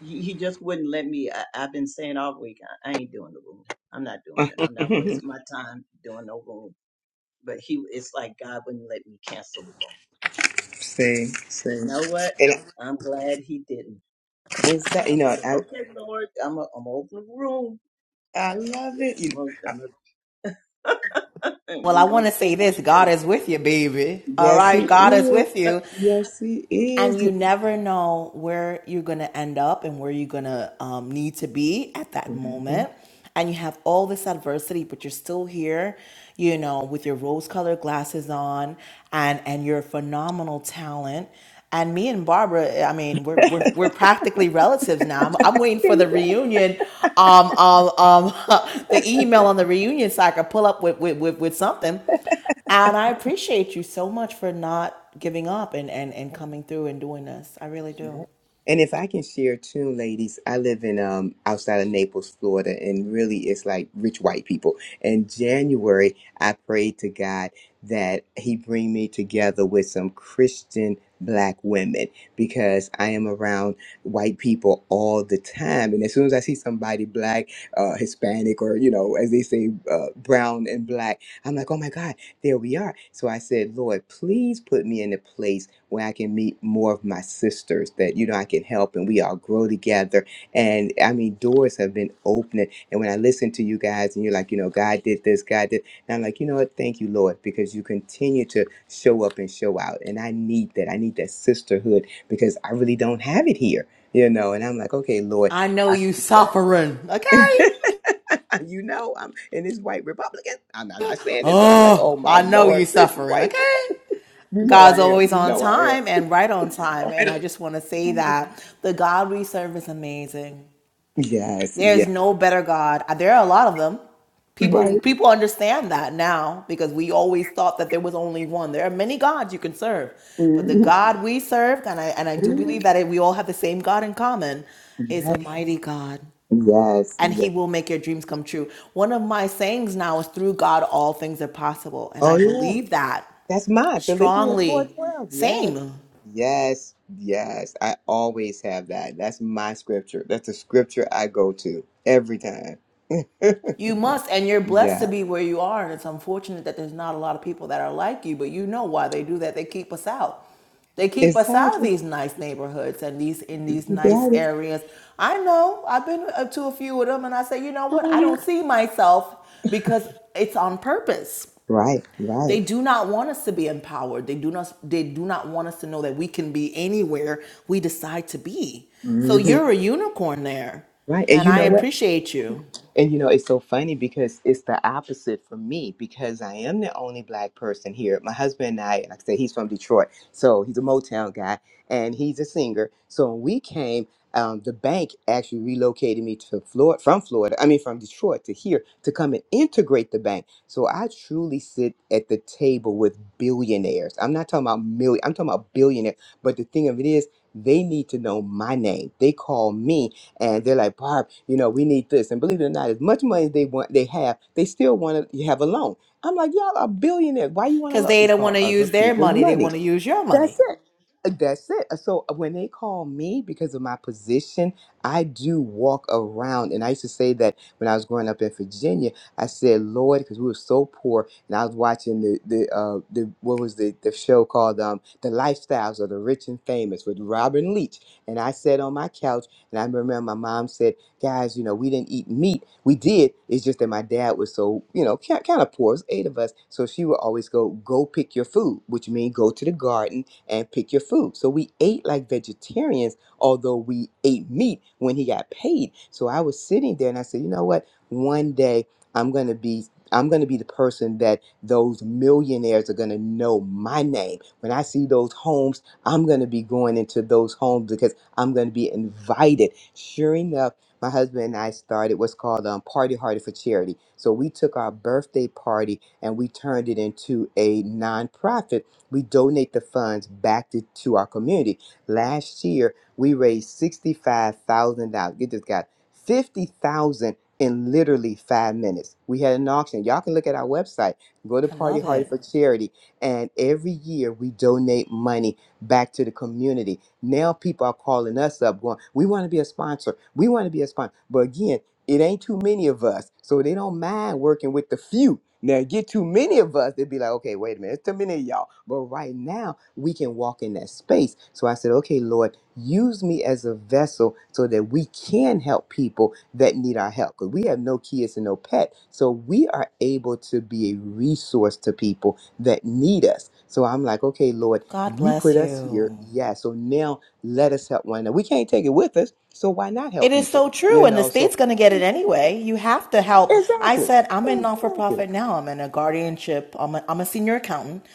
S1: he, he just wouldn't let me I, i've been saying all week I, I ain't doing the room i'm not doing it i'm not
S2: Mhm.
S1: wasting my time doing no room but he it's like god wouldn't let me cancel the room
S2: Same.
S1: you
S2: Same.
S1: know what
S2: And
S1: i'm glad he didn't
S2: is
S1: I
S2: that you
S1: was
S2: know?
S1: like,
S2: I
S1: okay, Lord, I'm going I'm to open the room.
S2: I love
S1: Uh,
S2: it.
S1: I'm
S2: You-
S1: gonna, [LAUGHS]
S3: Well, I
S1: we going
S3: want
S1: to
S3: to
S1: see
S3: say
S1: what
S3: this
S1: it
S3: God
S1: do.
S3: is with you, baby. All
S2: Yes,
S3: right.
S2: he
S3: God is with
S2: is.
S3: you.
S2: Yes, he is.
S3: And you never know where you're going to end up and where you're going to um, need to be at that
S2: Mm-hmm.
S3: moment. And you have all this adversity, but you're still here, you know, with your rose colored glasses on and, and your phenomenal talent. And me and Barbara, I mean, we're, we're, we're practically relatives now. I'm, I'm waiting for the reunion, um, um, um, [LAUGHS] the email on the reunion so I can pull up with, with, with, with something. And I appreciate you so much for not giving up and, and, and coming through and doing this. I really do.
S2: And if I can share too, ladies, I live in um outside of Naples, Florida, and really it's like rich white people. In January, I prayed to God that He bring me together with some Christian black women because I am around white people all the time. And as soon as I see somebody black, uh, Hispanic, or you know, as they say, uh, brown and black, I'm like, oh my God, there we are. So I said, Lord, please put me in a place where I can meet more of my sisters that you know I can help and we all grow together. And I mean, doors have been opening. And when I listen to you guys and you're like, you know, God did this, God did, and I'm like, you know what? Thank you, Lord, because you continue to show up and show out. And I need that. I need that sisterhood because I really don't have it here, you know. And I'm like, okay, Lord,
S3: I know
S2: I
S3: you
S2: need that. [LAUGHS]
S3: suffering, okay?
S2: You know, I'm in this white Republican. I'm, I'm not saying it, but I'm like, oh
S3: Oh,
S2: my
S3: I know you
S2: Lord, rich
S3: suffering,
S2: white.
S3: okay?
S2: You know I
S3: God's
S2: am.
S3: always
S2: You
S3: on
S2: know I am.
S3: time and right on time. And I just want to say that the God we serve is amazing.
S2: Yes,
S3: There's
S2: yes.
S3: no better God. Uh, There are a lot of them.
S2: Right.
S3: People people understand that now because we always thought that there was only one. There are many gods you can serve, but the
S2: Mhm.
S3: God we serve, and I and I do believe that it, we all have the same God in common, is a
S2: Yes,
S3: mighty God,
S2: yes,
S3: and He
S2: yes.
S3: will make your dreams come true. One of my sayings now is, "Through God, all things are possible," and
S2: Oh
S3: I
S2: yeah,
S3: believe that
S2: that's mine. Philippians four
S3: strongly.
S2: twelve. Yes,
S3: Same.
S2: yes, yes. I always have that. That's my scripture. That's the scripture I go to every time. [LAUGHS]
S3: You must, and you're blessed to
S2: yeah,
S3: be where you are. And it's unfortunate that there's not a lot of people that are like you, but you know why they do that. They keep us out. They keep us out of
S2: exactly.
S3: these nice neighborhoods and these in these
S2: You
S3: nice
S2: got
S3: areas. I know. I've been uh, to a few of them, and I say, you know what? I
S2: it.
S3: don't see myself because it's on purpose.
S2: Right, right,
S3: They do not want us to be empowered. They do not. They do not want us to know that we can be anywhere we decide to be. So
S2: Mhm.
S3: you're a unicorn there,
S2: right. And
S3: and
S2: you
S3: I
S2: know what?
S3: appreciate you.
S2: And you know, it's so funny because it's the opposite for me because I am the only black person here. My husband and I, like I said, he's from Detroit. So he's a Motown guy and he's a singer. So when we came, um, the bank actually relocated me to Florida, from Florida, I mean, from Detroit to here to come and integrate the bank. So I truly sit at the table with billionaires. I'm not talking about million, I'm talking about billionaires. But the thing of it is, they need to know my name. They call me and they're like, Barb, you know, we need this. And believe it or not, as much money as they want, they have, they still want to have a loan. I'm like, y'all are billionaires. Why you want a
S3: because
S2: loan?
S3: they
S2: It's
S3: don't want
S2: called
S3: to
S2: other
S3: use their
S2: people's
S3: money. They
S2: money.
S3: want to use your money.
S2: That's it. Uh, That's it. Uh, So uh, when they call me because of my position, I do walk around. And I used to say that when I was growing up in Virginia, I said, Lord, because we were so poor. And I was watching the, the, uh, the what was the, the show called um, The Lifestyles of the Rich and Famous with Robin Leach. And I sat on my couch and I remember my mom said, guys, you know, we didn't eat meat. We did. It's just that my dad was so, you know, kind, of poor. It was eight of us. So she would always go, go pick your food, which means go to the garden and pick your food. So we ate like vegetarians, although we ate meat when he got paid. So I was sitting there and I said, you know what? One day I'm going to be. I'm going to be the person that those millionaires are going to know my name. When I see those homes, I'm going to be going into those homes because I'm going to be invited. Sure enough, my husband and I started what's called um, Party Hardy for Charity. So we took our birthday party and we turned it into a nonprofit. We donate the funds back to, to our community. Last year, we raised $65,000. Get this, guys. 50000 in literally five minutes. We had an auction. Y'all can look at our website. Go to
S3: I
S2: Party
S3: love
S2: Hardy
S3: it.
S2: for Charity. And every year we donate money back to the community. Now people are calling us up going, we want to be a sponsor. We want to be a sponsor. But again, it ain't too many of us. So they don't mind working with the few. Now get too many of us, they'd be like, okay, wait a minute, it's too many of y'all. But right now, we can walk in that space. So I said, okay, Lord, use me as a vessel so that we can help people that need our help. Because we have no kids and no pet. So we are able to be a resource to people that need us. So I'm like, okay, Lord,
S3: God
S2: you
S3: bless
S2: put us here.
S3: you.
S2: Yeah. So now let us help one another. We can't take it with us. So why not
S3: It
S2: help
S3: is
S2: people?
S3: so true,
S2: You
S3: and the
S2: know, so
S3: state's going to get it anyway. You have to help. I
S2: exactly.
S3: said, I'm in non for
S2: Exactly.
S3: profit now. I'm in a guardianship. I'm a, I'm a senior accountant.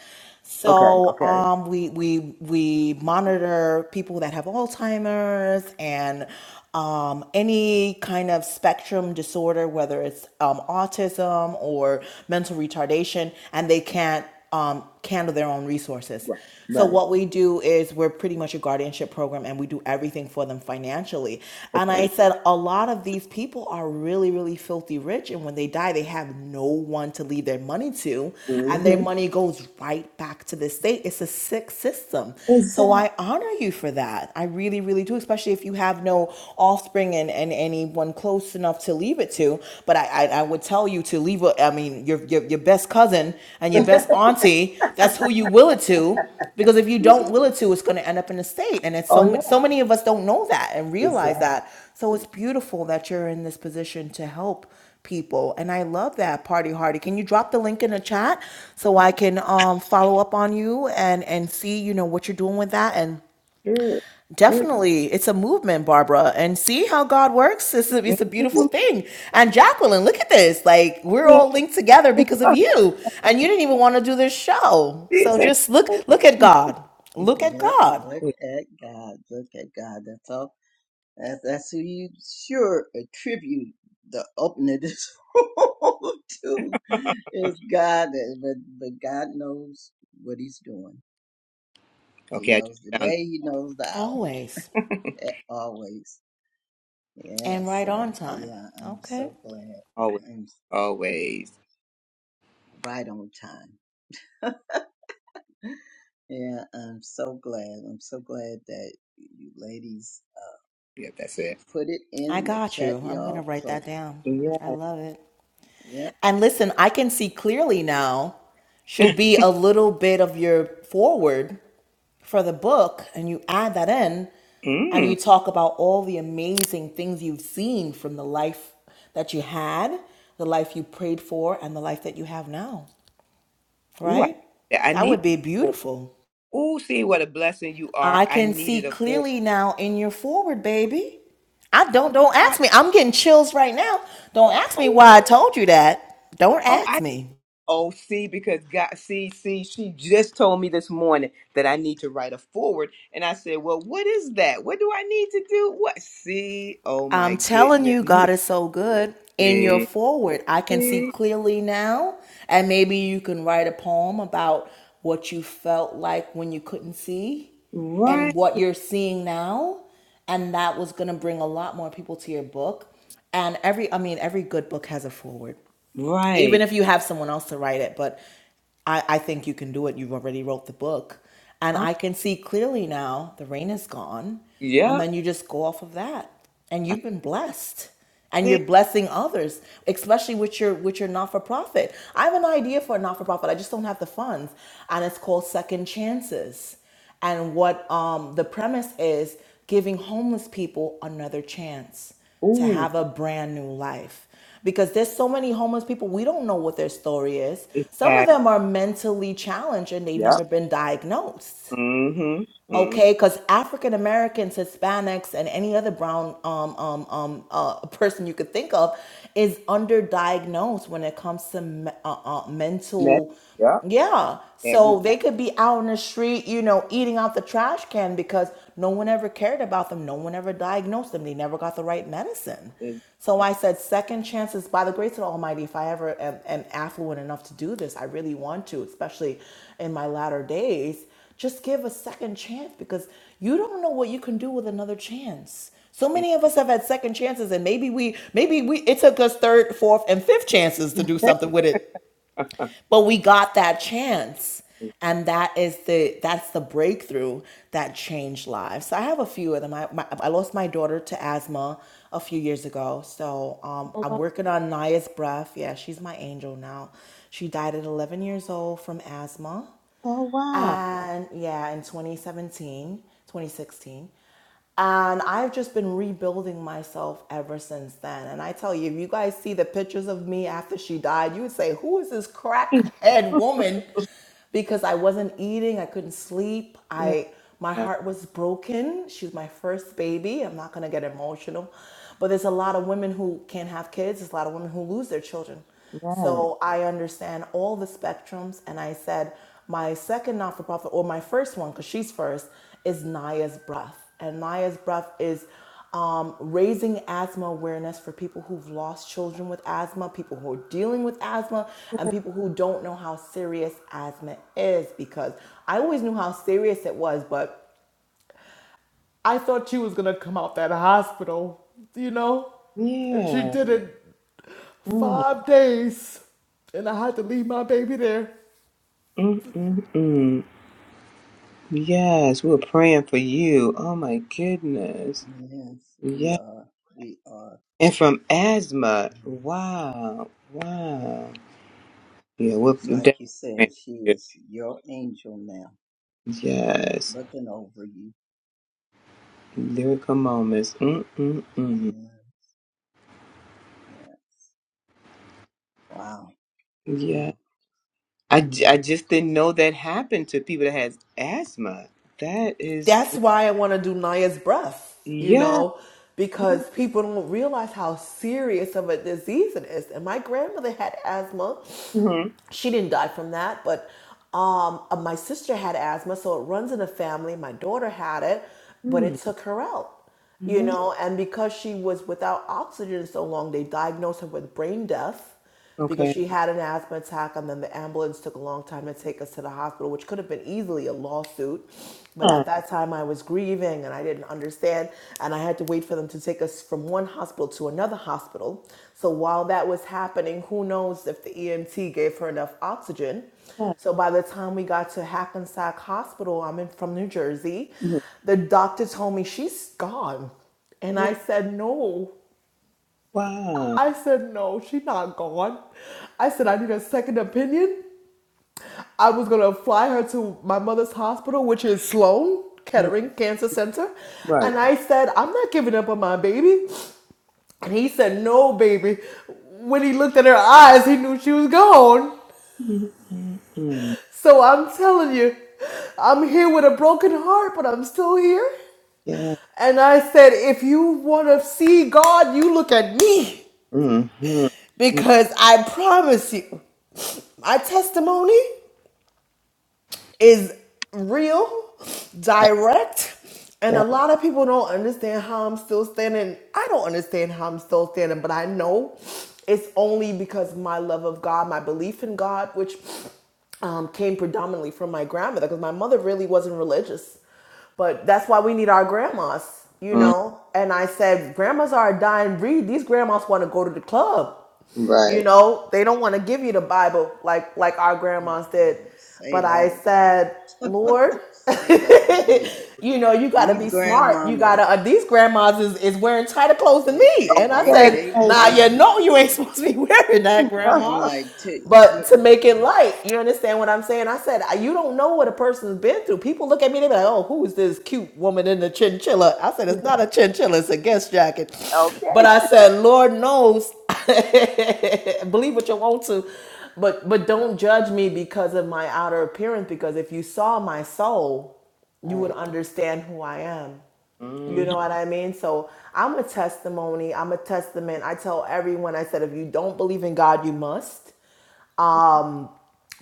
S2: Okay.
S3: So
S2: Okay.
S3: um, we we we monitor people that have Alzheimer's and um, any kind of spectrum disorder, whether it's um, autism or mental retardation, and they can't um, handle their own resources.
S2: Right.
S3: So
S2: Right.
S3: what we do is we're pretty much a guardianship program and we do everything for them financially. And I
S2: Okay.
S3: said a lot of these people are really really filthy rich and when they die they have no one to leave their money to and their
S2: hmm
S3: money goes right back to the state. It's a sick system. So
S2: Exactly.
S3: I honor you for that. I really really do especially if you have no offspring and, and anyone close enough to leave it to. But I I, I would tell you to leave a, I mean your, your your best cousin and your best auntie, that's who you will it to because if you don't will it to it's going to end up in the state and it's so
S2: Oh, yeah.
S3: so many of us don't know that and realize
S2: Exactly.
S3: that so it's beautiful that you're in this position to help people and i love that party hardy can you drop the link in the chat so i can um, follow up on you and and see you know what you're doing with that and
S2: Yeah, yeah,
S3: Definitely. It's a movement, Barbara. And see how God works? It's a, it's a beautiful
S2: yeah.
S3: thing. And Jacqueline, look at this. Like, we're all linked together because of you. And you didn't even want to do this show. So
S2: Exactly.
S3: just look, look at God.
S1: [LAUGHS]
S3: Look at
S1: yep,
S3: God.
S1: look at God. Look at God. That's all. That's, that's who you sure attribute the opening of this [LAUGHS] room to is God. eh, But, but God knows what he's doing. He knows the day. He knows the hour.
S3: Always.
S1: eh, Always. Yeah,
S3: And right
S1: so,
S3: on
S1: uh,
S3: time.
S1: yeah, I'm
S3: Okay.
S1: so glad.
S2: Always.
S1: I'm
S2: Always.
S1: right on time. Yeah, I'm so glad. I'm so glad that you ladies
S2: Yeah, that's
S1: she
S2: it.
S1: put it
S3: I
S1: in the
S3: got
S1: chat,
S3: you. I'm going to
S1: y'all.
S3: write
S1: So,
S3: that down.
S2: Yeah.
S3: I love it.
S1: yep.
S3: And listen, I can see clearly now should be a little bit of your forward. for the book and you add that in and
S2: Mm.
S3: you talk about all the amazing things you've seen from the life that you had, the life you prayed for, and the life that you have now,
S2: Ooh, I,
S3: right?
S2: yeah, I
S3: That
S2: need.
S3: would be beautiful.
S2: Ooh, see what a blessing you are.
S3: I
S2: I
S3: can see
S2: needed a full.
S3: clearly now in your forward, baby. I don't don't
S2: I,
S3: ask me. I'm getting chills right now. Don't ask me
S2: oh,
S3: why I told you that. Don't
S2: Oh,
S3: ask
S2: I
S3: me.
S2: oh see because God see see she just told me this morning that I need to write a forward, and I said, well, what is that? What do I need to do? What see? Oh my
S3: I'm telling
S2: goodness,
S3: you,
S2: you
S3: God is so good. In your
S2: see,
S3: forward, I can see
S2: see
S3: clearly now. And maybe you can write a poem about what you felt like when you couldn't see and
S2: right
S3: what you're seeing now. And that was going to bring a lot more people to your book. And every, I mean, every good book has a forward even
S2: right.
S3: if you have someone else to write it but i i think you can do it you've already wrote the book and
S2: Oh,
S3: i can see clearly now the rain is gone and
S2: yep,
S3: then you just go off of that and
S2: I
S3: you've been blessed and you're
S2: see.
S3: blessing others especially with your with your not-for-profit i have an idea for a not-for-profit i just don't have the funds and it's called second chances and what um, the premise is giving homeless people another chance to
S2: Ooh,
S3: have a brand new life. Because there's so many homeless people, we don't know what their story is. Some of
S2: exactly.
S3: them are mentally challenged and they've
S2: Yep.
S3: never been diagnosed
S2: Mm-hmm. mm
S3: okay because african americans hispanics and any other brown um, um, um, uh, [LAUGHS] person you could think of is underdiagnosed when it comes to me- uh, uh,
S2: Next.
S3: mental
S2: Yep.
S3: yeah
S2: Every
S3: so they could be out on the street you know eating out the trash can because no one ever cared about them no one ever diagnosed them they never got the right medicine
S2: is.
S3: so I said, second chances by the grace of the Almighty, if I ever am, am affluent enough to do this, I really want to, especially in my latter days. Just give a second chance because you don't know what you can do with another chance. So
S2: yeah,
S3: many of us have had second chances, and maybe we, maybe we, it took us third, fourth, and fifth chances to do something with it
S2: [LAUGHS]
S3: but we got that chance and that is the that's the breakthrough that changed lives so i have a few of them i, my, I lost my daughter to asthma a few years ago so um, i'm working on naya's breath yeah she's my angel now she died at 11 years old from asthma and yeah, in 2017, 2016. And I've just been rebuilding myself ever since then. And I tell you, if you guys see the pictures of me after she died, you would say, Who is this crackhead woman? Because I wasn't eating, I couldn't sleep,
S2: yeah,
S3: I my heart was broken. She was my first baby. I'm not gonna get emotional. But there's a lot of women who can't have kids, there's a lot of women who lose their children.
S2: right.
S3: So I understand all the spectrums. And I said, my second not for profit, or my first one, because she's first, is Naya's Breath. And Naya's Breath is um, raising asthma awareness for people who've lost children with asthma, people who are dealing with asthma, and people who don't know how serious asthma is. Because I always knew how serious it was, but I thought she was gonna come out that hospital, you know? And she
S2: Yeah.
S3: did it
S2: Mm, mm,
S3: five days. And I had to leave my baby there.
S2: mm, mm. Yes, we were praying for you. Oh my goodness.
S1: Yes, we
S2: Yeah.
S1: are. We are.
S2: And from asthma.
S1: Yes.
S2: Wow. Wow. Yeah, we're
S1: It's like
S2: definitely
S1: you
S2: praying
S1: said, she
S2: for you.
S1: is your angel now,
S2: Yes.
S1: looking over you.
S2: Lyrical moments. Mm-mm-mm.
S1: Yeah. Yes. Wow.
S2: Yeah.
S1: Wow.
S2: I,
S1: Yeah.
S2: j- I just didn't know that happened to people that has asthma. That is,
S3: that's why I want to do Naya's breath, you
S2: yeah.
S3: know, because people don't realize how serious of a disease it is. And my grandmother had asthma.
S2: Mm-hmm.
S3: She didn't die from that, but um, uh, my sister had asthma, so it runs in the family. My daughter had it, but it
S2: Mm.
S3: took her out, you
S2: Wow.
S3: know, and because she was without oxygen so long, they diagnosed her with brain death because
S2: Okay.
S3: she had an asthma attack and then the ambulance took a long time to take us to the hospital which could have been easily a lawsuit but
S2: Huh.
S3: at that time, I was grieving and I didn't understand, and I had to wait for them to take us from one hospital to another hospital. So while that was happening, who knows if the EMT gave her enough oxygen.
S2: Huh.
S3: So by the time we got to Hackensack Hospital, I'm in from New Jersey,
S2: Mhm.
S3: the doctor told me she's gone. And I said, no.
S2: Wow.
S3: I said, no, she's not gone. I said, I need a second opinion. I was gonna fly her to my mother's hospital, which is Sloan
S2: Mhm.
S3: Kettering Cancer Center.
S2: Right.
S3: And I said, I'm not giving up on my baby. And he said, No, baby. When he looked at her eyes, he knew she was gone.
S2: Mm-hmm. Mm-hmm.
S3: So I'm telling you, I'm here with a broken heart, but I'm still here.
S2: Yeah.
S3: And I said, If you wanna see God, you look at me.
S2: Mm-hmm.
S3: Because I promise you, my testimony. is real, direct, and a
S2: Yeah.
S3: lot of people don't understand how I'm still standing. I don't understand how I'm still standing, but I know it's only because my love of God, my belief in God, which um, came predominantly from my grandmother, because my mother really wasn't religious. But that's why we need our grandmas, you
S2: Mm,
S3: know? And I said, grandmas are a dying breed. These grandmas want to go to the club. You
S2: Right.
S3: know, they don't want to give you the Bible like like our
S1: Oh,
S3: grandmas did.
S1: God. Say
S3: But
S1: that
S3: I
S1: again.
S3: said, Lord, [LAUGHS]
S1: Say that again.
S3: you know, you got to
S1: These
S3: be smart. You got to.
S1: grandmamas,
S3: Uh, these grandmas is, is wearing tighter clothes than
S1: they,
S3: me,
S1: they,
S3: and I
S1: they,
S2: Okay.
S3: said,
S1: they,
S2: Okay.
S3: Nah, you
S1: they,
S3: know, you ain't supposed to be [LAUGHS] wearing that,
S1: I'm
S3: grandma.
S1: like, too.
S3: But to make it light, you understand what I'm saying? I said, you don't know what a person's been through. People look at me, they be like, oh, who is this cute woman in the chinchilla? I said, it's not a chinchilla, it's a guest jacket. But
S2: okay.
S3: I said, Lord knows, [LAUGHS] believe what you want to, but but don't judge me because of my outer appearance. Because if you saw my soul, you would
S2: Right.
S3: understand who I am. You
S2: Mm-hmm.
S3: know what I mean? So I'm a testimony. I'm a testament. I tell everyone, I said, if you don't believe in God, you must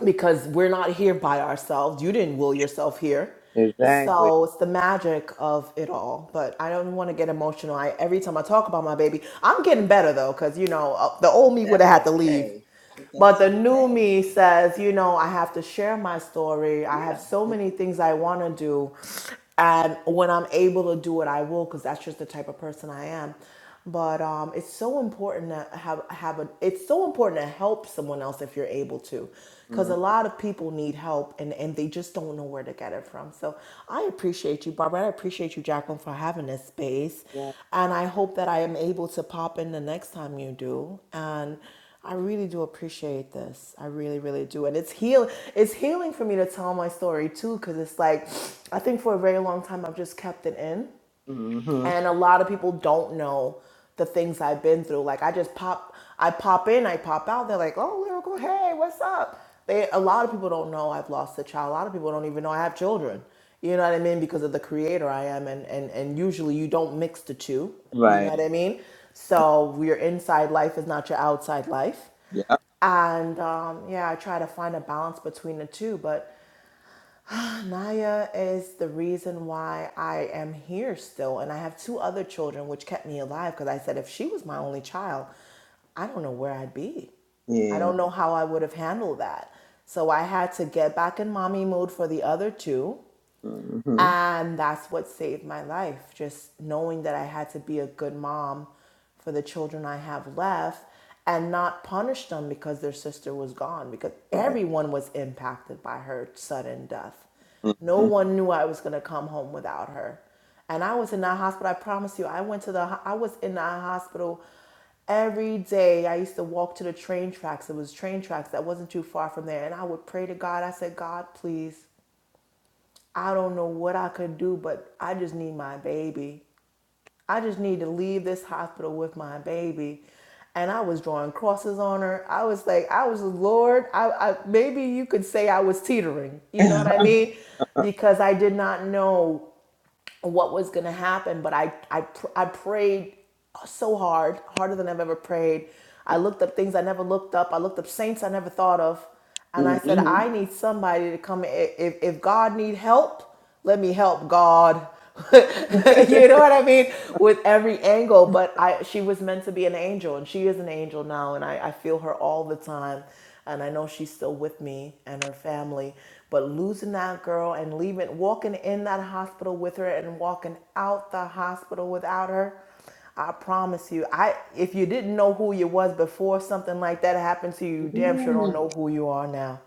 S3: because we're not here by ourselves. You didn't will yourself here.
S2: Exactly.
S3: So it's the magic of it all. But I don't want to get emotional. I every time I talk about my baby, I'm getting better though, because you know uh, the
S1: If
S3: old me would have
S1: that's
S3: had to leave.
S1: okay. If
S3: But
S1: that's
S3: the new
S1: okay.
S3: me says, you know, I have to share my story. I have
S1: Yeah.
S3: so many things I want to do. And when I'm able to do it, I will, because that's just the type of person I am. But um, it's so important to have, have a, it's so important to help someone else if you're able to. Because
S2: Mm-hmm.
S3: a lot of people need help and, and they just don't know where to get it from. So I appreciate you, Barbara. I appreciate you, Jacqueline, for having this space.
S2: Right.
S3: And I hope that I am able to pop in the next time you do. And I really do appreciate this. I really, really do. And it's heal it's healing for me to tell my story too, because it's like I think for a very long time I've just kept it in
S2: Mm-hmm.
S3: and a lot of people don't know the things I've been through. Like I just pop, I pop in, I pop out. They're like, "Oh, lyrical, hey, what's up?" They a lot of people don't know I've lost a child. A lot of people don't even know I have children. You know what I mean? Because of the creator I am, and and and usually you don't mix the two. You know
S2: Right.
S3: what I mean? So your inside life is not your outside life
S2: Yep.
S3: and um, yeah, I try to find a balance between the two. But Naya is the reason why I am here still. And I have two other children, which kept me alive because I said if she was my only child, I don't know where I'd be. I
S2: Yeah.
S3: don't know how I would have handled that. So I had to get back in mommy mode for the other two
S2: Mm-hmm.
S3: and that's what saved my life, just knowing that I had to be a good mom for the children I have left and not punish them because their sister was gone, because
S2: Right.
S3: everyone was impacted by her sudden death. No
S2: Mm-hmm.
S3: one knew I was going to come home without her. And I was in that hospital, I promise you, I went to the, I was in that hospital every day. I used to walk to the train tracks. It was train tracks that wasn't too far from there. And I would pray to God. I said, God, please I don't know what I could do, but I just need my baby. I just need to leave this hospital with my baby. And I was drawing crosses on her. I was like, I was Lord. I, I maybe you could say I was teetering. You know what I mean? Because I did not know what was going to happen but I, I i prayed so hard harder than i've ever prayed i looked up things i never looked up i looked up saints i never thought of and i said i
S2: mm-hmm.
S3: need somebody to come if, if god need help let me help god [LAUGHS] you know what i mean with every angle but i she was meant to be an angel and she is an angel now and i, I feel her all the time and I know she's still with me and her family, but losing that girl and leaving, walking in that hospital with her and walking out the hospital without her, I promise you, I if you didn't know who you was before something like that happened to you, you damn sure don't know who you are now.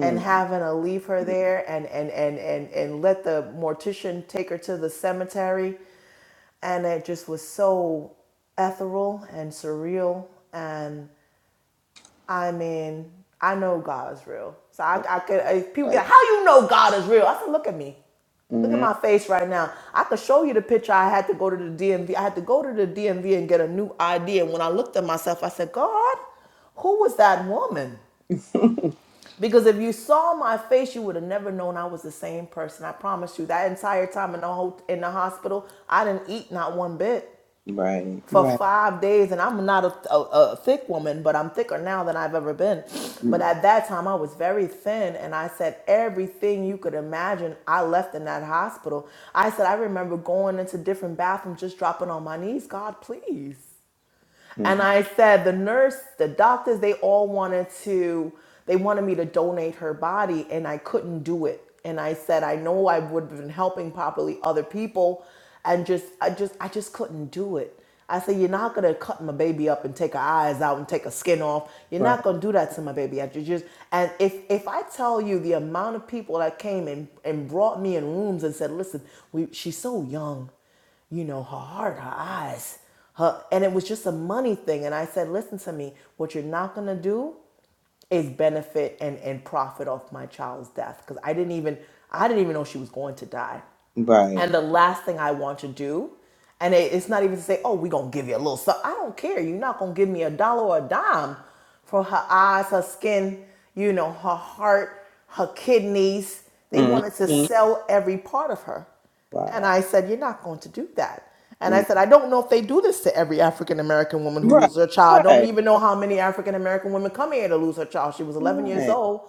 S3: And having to leave her there and and and and and let the mortician take her to the cemetery, and it just was so ethereal and surreal. And I mean, I know God is real. So I, I could, if people be
S2: Right.
S3: like, how you know God is real? I said, look at me. Look at
S2: Mm,
S3: my face right now. I could show you the picture. I had to go to the DMV. I had to go to the DMV and get a new ID. And when I looked at myself, I said, God, who was that woman? Because if you saw my face, you would have never known I was the same person. I promise you. That entire time in the, ho- in the hospital, I didn't eat not one bit
S2: Right.
S3: for
S2: Right.
S3: five days, and I'm not a, a, a thick woman, but I'm thicker now than I've ever been. But
S2: Mm, Right.
S3: at that time, I was very thin, and I said everything you could imagine. I left in that hospital. I said I remember going into different bathrooms, just dropping on my knees. God, please.
S2: Right.
S3: And
S2: Mm-hmm.
S3: I said, the nurse, the doctors, they all wanted to, they wanted me to donate her body, and I couldn't do it. And I said, I know I would have been helping properly other people, and just, I just, I just couldn't do it. I said, you're not gonna cut my baby up and take her eyes out and take her skin off. You're not
S2: Right.
S3: gonna do that to my baby. I ju- just, and if if I tell you the amount of people that came and and brought me in rooms and said, listen, we, she's so young you know, her heart, her eyes, her, and it was just a money thing. And I said, listen to me, what you're not gonna do is benefit and, and profit off my child's death. Cause I didn't even, I didn't even know she was going to die. And the last thing I want to do, and it, it's not even to say, oh, we gonna give you a little stuff. I don't care. You're not gonna give me a dollar or a dime for her eyes, her skin, you know, her heart, her kidneys. They wanted to sell every part of her. And I said, You're not going to do that. And I
S2: Mm,
S3: said, I don't know if they do this to every African American woman who
S2: Right.
S3: loses her child. I don't
S2: Right.
S3: even know
S2: Okay.
S3: how many African American women come here to lose her child. She was 11 years
S2: Right.
S3: old,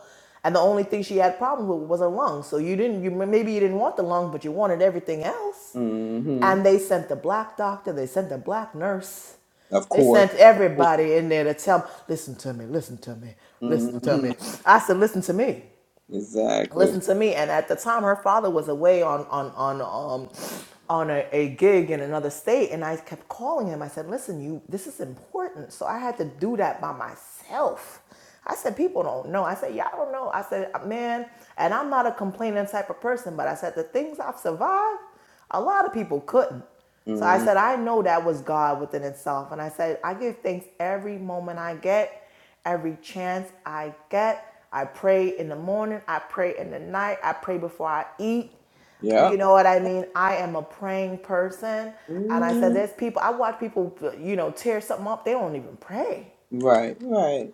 S3: and the only thing she had problems with was her lung. So you didn't, you maybe you didn't want the lung, but you wanted everything else.
S2: Mm-hmm.
S3: And they sent the black doctor, they sent the black nurse,
S2: Of
S3: they
S2: course.
S3: sent
S2: Of course.
S3: everybody in there to tell, listen to me, listen to me, listen to
S2: Mm-hmm.
S3: me. I said, listen to me
S2: Exactly.
S3: listen to me and at the time her father was away on on on um on a, a gig in another state and i kept calling him i said listen you this is important so i had to do that by myself i said people don't know i said y'all don't know i said man and i'm not a complaining type of person but i said the things i've survived a lot of people couldn't so I
S2: Mm-hmm.
S3: said, I know that was God within itself. And I said, I give thanks every moment I get. Every chance I get, I pray in the morning, I pray in the night, I pray before I eat. You
S2: Yep.
S3: know what I mean? I am a praying person. And I said,
S2: Mhm.
S3: there's people, I watch people, you know, tear something up, they don't even pray.
S2: Right, right.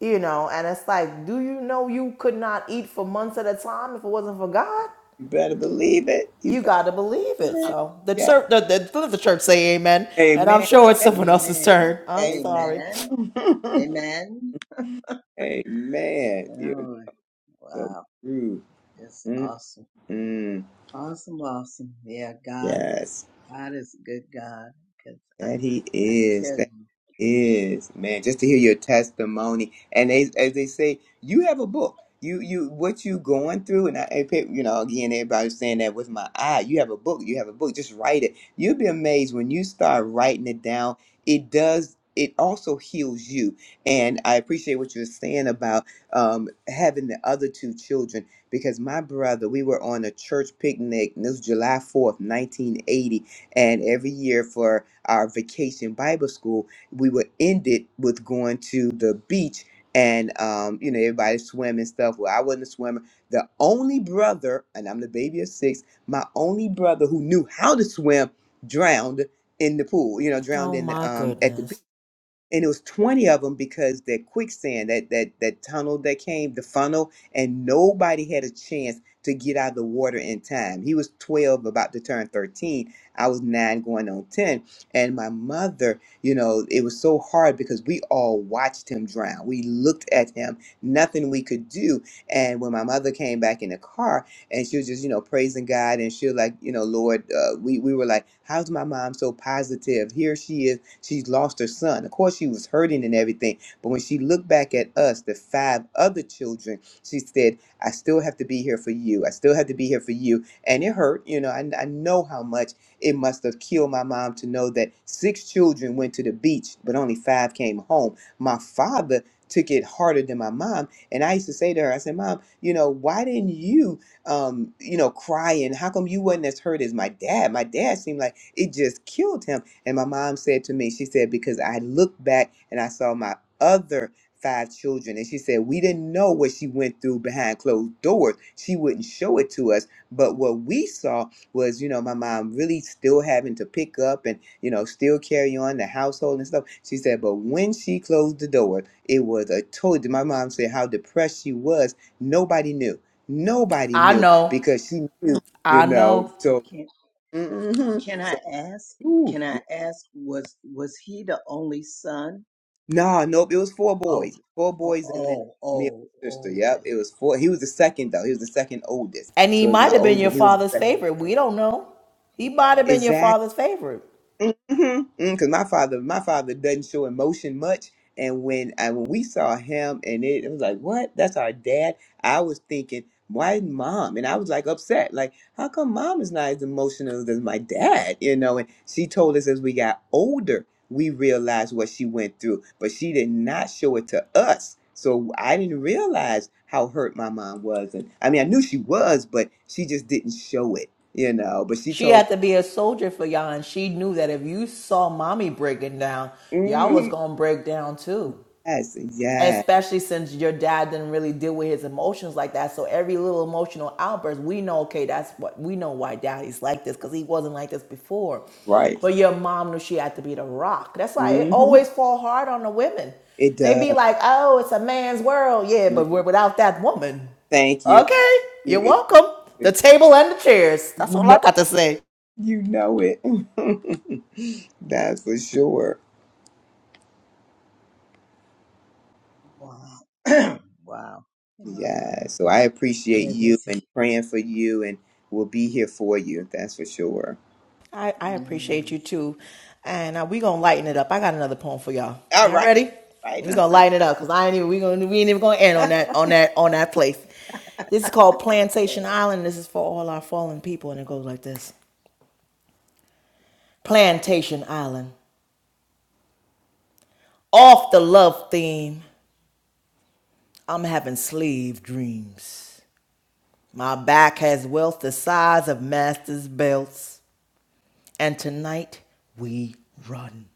S3: You know, and it's like, do you know you could not eat for months at a time if it wasn't for God?
S2: You better believe it. You
S3: You
S2: better
S3: got to believe it.
S2: believe it.
S3: So the
S2: Yeah.
S3: church, the, the, let the church say amen. And I'm
S2: Amen.
S3: sure it's someone else's
S1: Amen.
S3: turn. I'm
S2: Amen. Amen.
S3: sorry.
S1: Amen.
S2: [LAUGHS]
S1: Amen.
S2: Amen. You're
S1: Oh,
S2: so
S1: wow.
S2: true.
S1: It's awesome.
S2: Mm-mm.
S1: Awesome. Awesome. Yeah. God,
S2: Yes.
S1: God is a good God. Cause I,
S2: That he
S1: I
S2: is.
S1: tell
S2: that
S1: you,
S2: is, man. Just to hear your testimony, and as, as they say, you have a book. You you what you going through, and I, and pe- you know, again, everybody's saying that with my eye. You have a book. You have a book. Just write it. You'll be amazed when you start writing it down. It does. It also heals you, and I appreciate what you're saying about um, having the other two children. Because my brother, we were on a church picnic, and it was July 4th, 1980, and every year for our vacation Bible school, we would end it with going to the beach and, um, you know, everybody swim and stuff. Well, I wasn't a swimmer. The only brother, and I'm the baby of six, my only brother who knew how to swim drowned in the pool, you know, drowned
S3: Oh
S2: in the,
S3: my
S2: um, at the beach
S3: goodness.
S2: and it was 20 of them because that quicksand that that that tunnel that came the funnel and nobody had a chance to get out of the water in time he was 12 about to turn 13 i was 9 going on 10 and my mother you know it was so hard because we all watched him drown we looked at him nothing we could do and when my mother came back in the car and she was just you know praising god and she was like you know lord uh, we, we were like how's my mom so positive here she is She's lost her son. Of course, she was hurting and everything. But when she looked back at us, the five other children, she said, I still have to be here for you. I still have to be here for you. And it hurt. You know, I, I know how much it must have killed my mom to know that six children went to the beach, but only five came home. My father took it harder than my mom. And I used to say to her, I said, Mom, you know, why didn't you, um, you know, cry? And how come you wasn't as hurt as my dad? My dad seemed like it just killed him. And my mom said to me, she said, because I looked back and I saw my other five children. And she said, we didn't know what she went through behind closed doors. She wouldn't show it to us. But what we saw was, you know, my mom really still having to pick up and, you know, still carry on the household and stuff. She said, but when she closed the door, it was a total. My mom said how depressed she was. Nobody knew. Nobody
S3: I
S2: knew
S3: know.
S2: because she knew, you
S3: I
S2: know.
S3: know.
S1: I
S2: So,
S1: can't,
S2: mhm.
S1: can
S2: so,
S1: I ask?
S2: ooh,
S1: Can I ask, was, was he the only son?
S2: Nah, nope. It was four
S1: Oh,
S2: boys, four
S1: oh,
S2: boys, and then
S1: oh,
S2: me and
S1: oh,
S2: my sister.
S1: oh,
S2: Yep,
S1: okay.
S2: it was four. He was the second though. He was the second oldest,
S3: And he
S2: so it was
S3: might
S2: my
S3: have been
S2: oldest,
S3: your
S2: and he
S1: Oh,
S2: was the
S3: father's
S2: second.
S3: favorite.
S1: okay.
S3: We don't know. He might have been your
S2: exactly.
S3: father's favorite.
S2: Mm-hmm. Because my father, my father doesn't show emotion much, and when I, when we saw him, and it, it was like, what? That's our dad. I was thinking, why mom? And I was like upset, like, how come mom is not as emotional as my dad? You know. And she told us as we got older, we realized what she went through, but she did not show it to us. So I didn't realize how hurt my mom was, and I mean, I knew she was, but she just didn't show it, you know. But she
S3: She
S2: told,
S3: had to be a soldier for y'all, and she knew that if you saw mommy breaking down, y'all was
S2: Mhm.
S3: gonna break down too.
S2: yes, yes.
S3: especially since your dad didn't really deal with his emotions like that so every little emotional outburst we know okay that's what we know why daddy's like this because he wasn't like this before
S2: Right.
S3: but your mom knew she had to be the rock that's why it
S2: hmm
S3: always fall hard on the women
S2: It
S3: they be
S2: does.
S3: like oh it's a man's world yeah
S2: Mm.
S3: but we're without that woman
S2: Thank you.
S3: okay you're
S2: You, it,
S3: welcome the
S2: it-
S3: table and the chairs
S2: you
S3: that's all i
S2: know,
S3: got to say
S2: you know it. [LAUGHS] That's for sure.
S1: Wow. [CLEARS THROAT] wow. Wow.
S2: Yeah.
S1: I,
S2: So I appreciate
S1: I
S2: you
S1: just
S2: and praying for you, and we'll be here for you. That's for sure.
S3: I, I appreciate you
S1: Yes.
S3: too. And uh, we gonna lighten it up. I got another poem for y'all.
S2: All
S3: Y'all
S2: right.
S3: ready? We
S2: Righty.
S3: gonna lighten it up because I ain't even we gonna we ain't even gonna end on that on that on that place. This is called
S1: Okay.
S3: Plantation Island. This is for all our fallen people, and it goes like this: Plantation Island. Off the love theme, I'm having slave dreams. My back has wealth the size of master's belts, and tonight we run.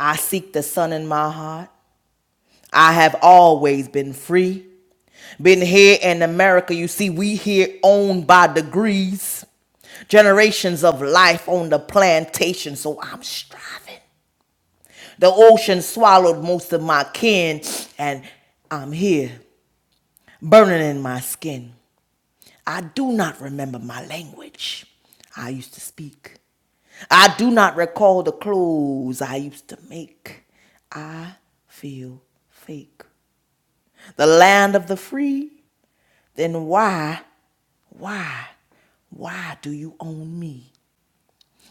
S3: I seek the sun in my heart I have always been free. Been here in America, you see, we here owned by degrees. Generations of life on the plantation, so I'm striving. The ocean swallowed most of my kin, and I'm here, burning in my skin. I do not remember my language I used to speak. I do not recall the clothes I used to make. I feel fake the land of the free, then why, why, why do you own me?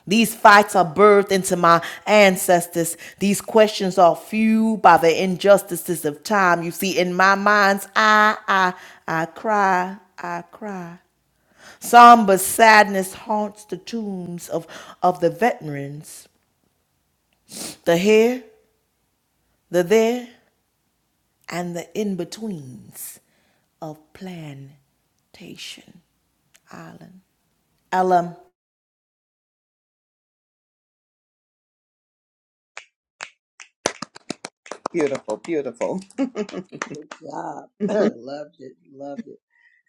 S3: These fights are birthed into my ancestors. These questions are fueled by the injustices of time. You see, in my mind's eye, I, I cry, I cry. Somber sadness haunts the tombs of, of the veterans, the here, the there, and the in betweens of Plantation Island. Ella.
S2: Beautiful. Beautiful.
S1: Good job.
S2: [LAUGHS]
S1: [CLEARS THROAT] Loved it. Loved it.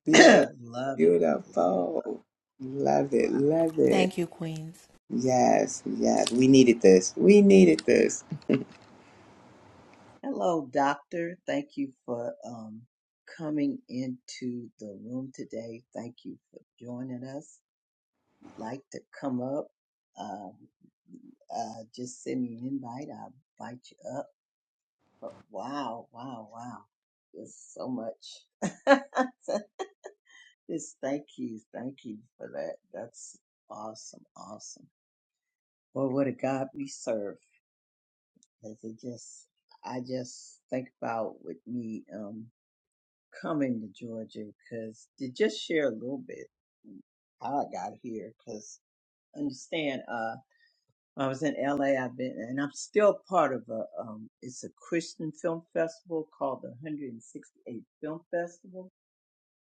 S2: beautiful.
S1: [CLEARS THROAT] Love it. Love it. Love it.
S2: Beautiful. Love it. Love it.
S3: Thank you, Queens.
S2: Yes. Yes. We needed this. We needed this.
S1: Hello, doctor. Thank you for um coming into the room today. Thank you for joining us. If you'd like to come up, um, uh, just send me an invite. I'll invite you up. But wow, wow, wow. There's so much. [LAUGHS] just thank you. Thank you for that. That's awesome. Awesome. Well, what a God we serve. As it just, I just think about with me um coming to Georgia because to just share a little bit how I got here because understand uh when I was in LA I've been and I'm still part of a um it's a Christian film festival called the 168th Film Festival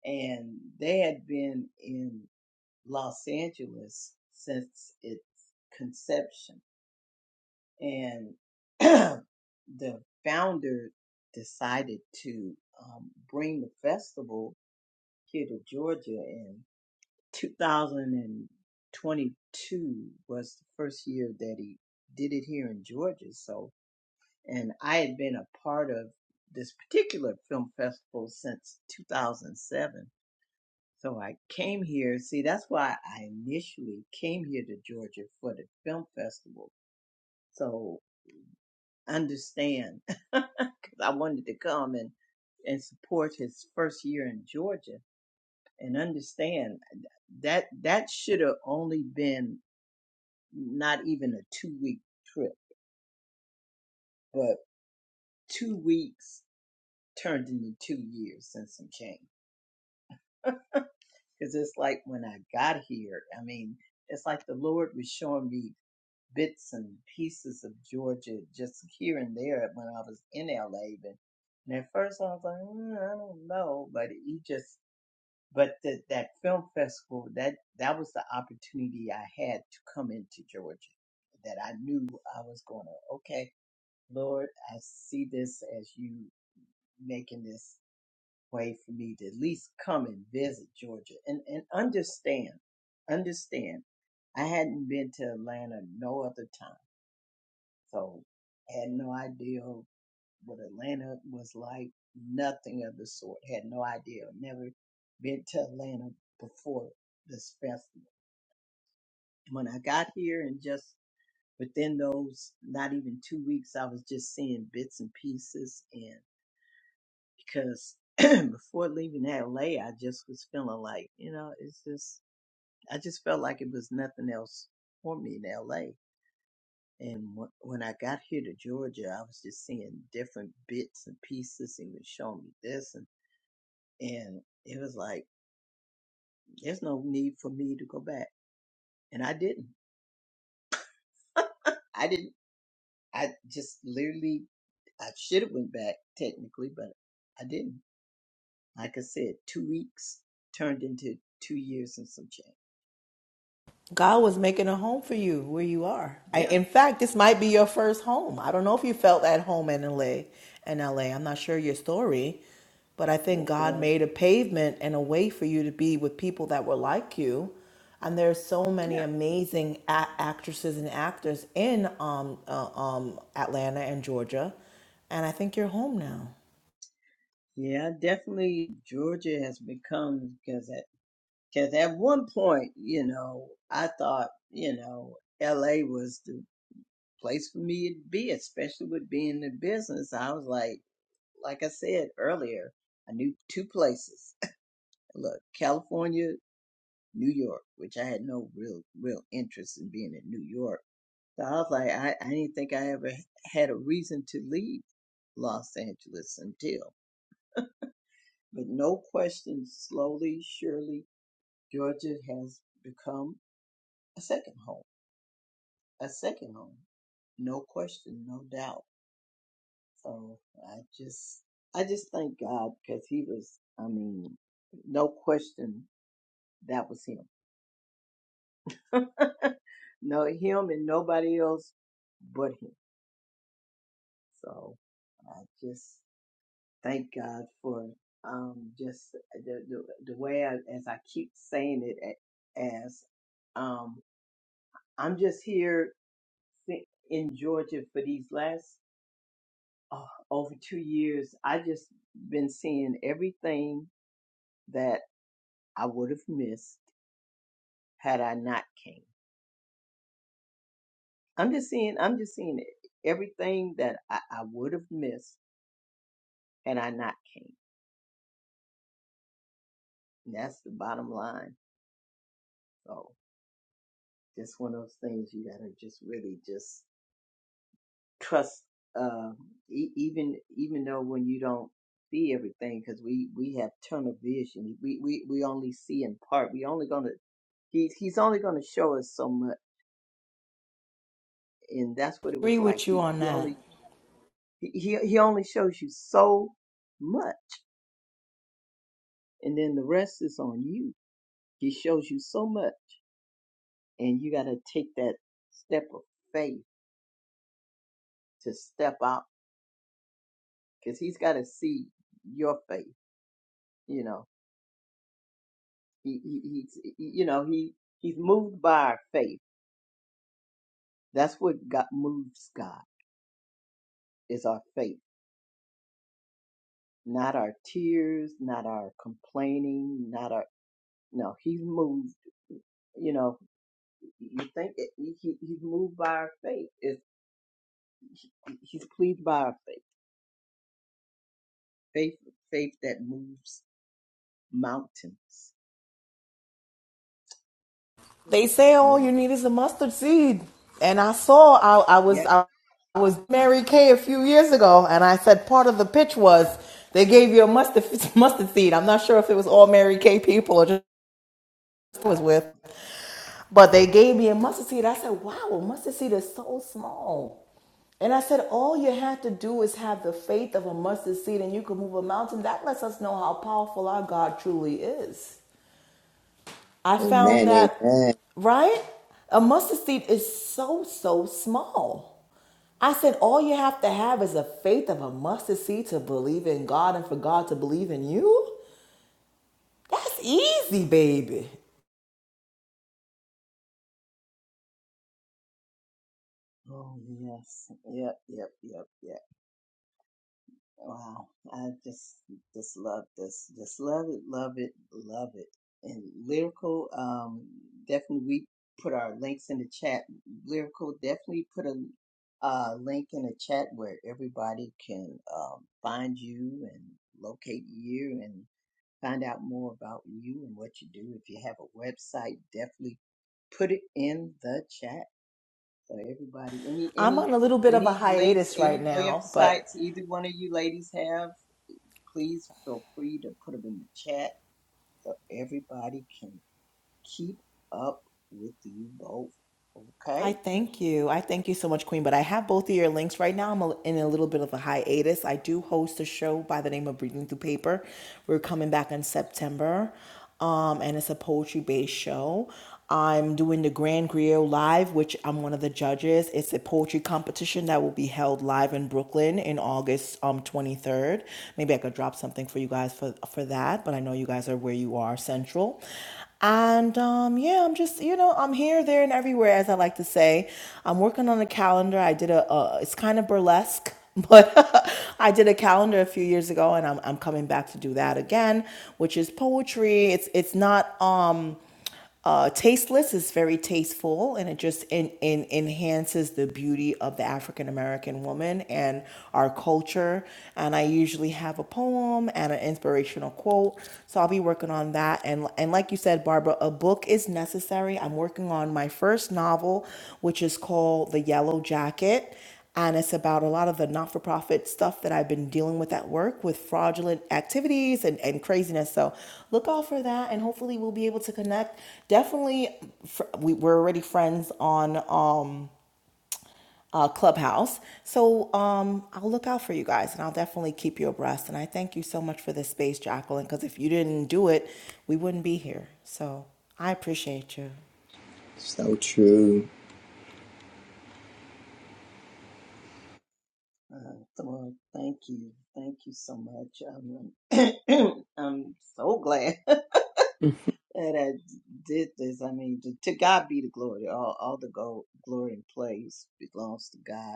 S1: and they had been in Los Angeles since its conception and [CLEARS THROAT] the founder decided to um, bring the festival here to Georgia in 2022 was the first year that he did it here in Georgia. So, and I had been a part of this particular film festival since 2007. So I came here. See, that's why I initially came here to Georgia for the film festival. So understand [LAUGHS] because I wanted to come and and support his first year in Georgia and understand uh, that that should have only been not even a two week trip, but two weeks turned into two years since I came. Because it's like when I got here, I mean, it's like the Lord was showing me bits and pieces of Georgia just here and there when I was in LA. But, and at first I was like, mm, I don't know, but he just, but the, that film festival, that, that was the opportunity I had to come into Georgia that I knew I was going to, okay, Lord, I see this as you making this way for me to at least come and visit Georgia and, and understand, understand. I hadn't been to Atlanta no other time so had no idea what Atlanta was like, nothing of the sort. Had no idea. Never been to Atlanta before this festival. When I got here and just within those not even two weeks, I was just seeing bits and pieces and because [CLEARS THROAT] before leaving LA I just was feeling like, you know, it's just I just felt like it was nothing else for me in LA. And wh- when I got here to Georgia, I was just seeing different bits and pieces. He was showing me this, and and it was like there's no need for me to go back, and I didn't. I didn't. I just literally I should have went back technically, but I didn't. Like I said, two weeks turned into two years and some change.
S3: God was making a home for you where you are. I,
S1: Yeah.
S3: in fact, this might be your first home. I don't know if you felt at home in LA. In LA, I'm not sure your story, but I think
S1: Well,
S3: God
S1: well,
S3: made a pavement and a way for you to be with people that were like you. And there's so many
S1: yeah.
S3: amazing a- actresses and actors in um, uh, um, Atlanta and Georgia, and I think you're home now.
S1: Yeah, definitely Georgia has become because Because at one point, you know, I thought, you know, LA was the place for me to be, especially with being in business. I was like, like I said earlier, I knew two places. [LAUGHS] Look, California, New York, which I had no real, real interest in being in New York. So I was like, I, I didn't think I ever had a reason to leave Los Angeles until. But no question, slowly, surely, Georgia has become a second home a second home. No question, no doubt. So I just, I just thank God because he was, I mean, no question, that was him. No, him and nobody else but him. So I just thank God for, um, just the, the, the way I, as I keep saying it a- as, um, I'm just here fi- in Georgia for these last uh, over two years, I just been seeing everything that I would have missed had I not came. I'm just seeing, I'm just seeing everything that I, I would have missed had I not came. And that's the bottom line. So just one of those things you gotta just really just trust. Uh, e- even even though when you don't see everything, because we we have tunnel vision, we we we only see in part. We only gonna he he's only going to show us so much. and that's what it was
S3: Agree
S1: like.
S3: with you
S1: He
S3: on
S1: he
S3: that.
S1: only he he he only shows you so much, and then the rest is on you. He shows you so much, and you got to take that step of faith to step out because he's got to see your faith. You know, he, he he's he- you know he he's moved by our faith. That's what God moves God is our faith, not our tears, not our complaining, not our no. He's moved. You know You think it, he, he's moved by our faith. It's, he- he's pleased by our faith. Faith, faith that moves mountains. Yeah.
S3: They say all
S1: Yeah.
S3: you need is a mustard seed. And I saw I, I
S1: Yeah.
S3: was I was Mary Kay a few years ago, and I said part of the pitch was they gave you a mustard [LAUGHS] mustard seed. I'm not sure if it was all Mary Kay people or just I was with, but they gave me a mustard seed. I said, "Wow, a mustard seed is so small." And I said, all you have to do is have the faith of a mustard seed, and you can move a mountain. That lets us know how powerful our God truly is. I found
S2: Amen.
S3: that,
S2: Amen.
S3: right? A mustard seed is so, so small. I said, all you have to have is a faith of a mustard seed to believe in God and for God to believe in you. That's easy, baby.
S1: Oh yes. Yep. Yep. Yep. Yep. Wow, I just just love this. Just love it, love it, love it. And lyrical, um, definitely we put our links in the chat. Lyrical definitely put a uh, link in the chat where everybody can um, find you and locate you and find out more about you and what you do. If you have a website, definitely put it in the chat so everybody. Any
S3: I'm
S1: any
S3: on a little bit of a
S1: any links,
S3: hiatus right
S1: any
S3: now, but
S1: websites either one of you ladies have please feel free to put them in the chat so everybody can keep up with you both. Okay?
S3: I thank you. I thank you so much, Queen. But I have both of your links right now. I'm a- in a little bit of a hiatus. I do host a show by the name of Breathing Through Paper. We're coming back in September, um, and it's a poetry based show. I'm doing the Grand Griot Live, which I'm one of the judges. It's a poetry competition that will be held live in Brooklyn in August um, 23rd. Maybe I could drop something for you guys for, for that, but I know you guys are where you are central. And um, yeah, I'm just you know I'm here, there, and everywhere, as I like to say. I'm working on a calendar. I did a uh, it's kind of burlesque, but [LAUGHS] I did a calendar a few years ago, and I'm I'm coming back to do that again, which is poetry. It's it's not um uh, tasteless is very tasteful and it just in, in, enhances the beauty of the African American woman and our culture. And I usually have a poem and an inspirational quote. So I'll be working on that. And, and like you said, Barbara, a book is necessary. I'm working on my first novel, which is called The Yellow Jacket and it's about a lot of the not for profit stuff that I've been dealing with at work with fraudulent activities and, and craziness. So look out for that, and hopefully, we'll be able to connect. Definitely, fr- we, we're already friends on um, uh, Clubhouse. So um, I'll look out for you guys, and I'll definitely keep you abreast. And I thank you so much for this space, Jacqueline, because if you didn't do it, we wouldn't be here. So I appreciate you.
S2: So true.
S1: Uh, so, uh, thank you. Thank you so much. I'm [CLEARS THROAT] I'm so glad [LAUGHS] that I did this. I mean, to, to God be the glory. All, all the go, glory and praise belongs to God.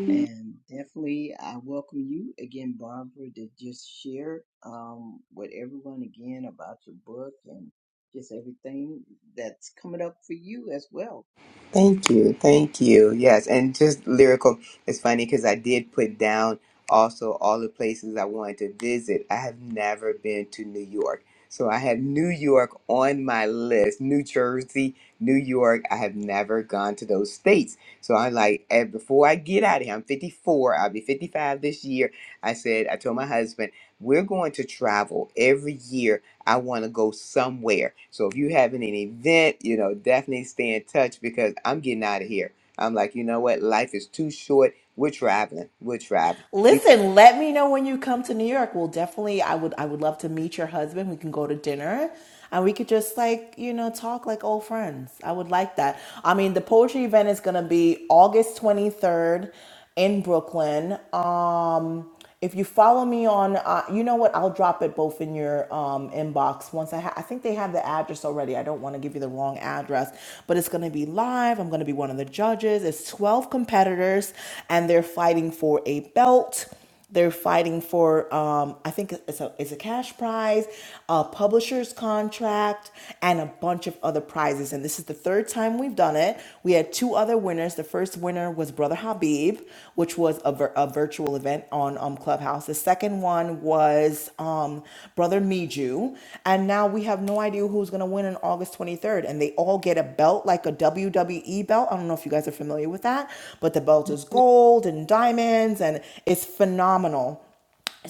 S2: [LAUGHS]
S1: And definitely, I welcome you again, Barbara, to just share um, with everyone again about your book and just everything that's coming up for you as well.
S2: Thank you. Thank you. Yes. And just lyrical. It's funny because I did put down also all the places I wanted to visit. I have never been to New York. So I have New York on my list. New Jersey, New York. I have never gone to those states. So I'm like, eh, before I get out of here, I'm 54. I'll be 55 this year. I said, I told my husband, we're going to travel every year I want to go somewhere. So if you having an event, you know, definitely stay in touch because I'm getting out of here. I'm like, you know what? Life is too short. We're traveling. We're traveling. We
S3: Listen, let me know when you come to New York. We'll definitely I would I would love to meet your husband. We can go to dinner and we could just like, you know, talk like old friends. I would like that. I mean, the poetry event is going to be August 23rd in Brooklyn. Um if you follow me on, uh, you know what? I'll drop it both in your um, inbox once I ha- I think they have the address already. I don't want to give you the wrong address, but it's going to be live. I'm going to be one of the judges. It's 12 competitors, and they're fighting for a belt. They're fighting for, um, I think it's a, it's a cash prize, a publisher's contract, and a bunch of other prizes. And and this is the third time we've done it. We had two other winners. The first winner was Brother Habib, which was a, vir- a virtual event on um, Clubhouse. The second one was um, Brother Miju, and now we have no idea who's gonna win on August 23rd. And they all get a belt, like a WWE belt. I don't know if you guys are familiar with that, but the belt is gold and diamonds, and it's phenomenal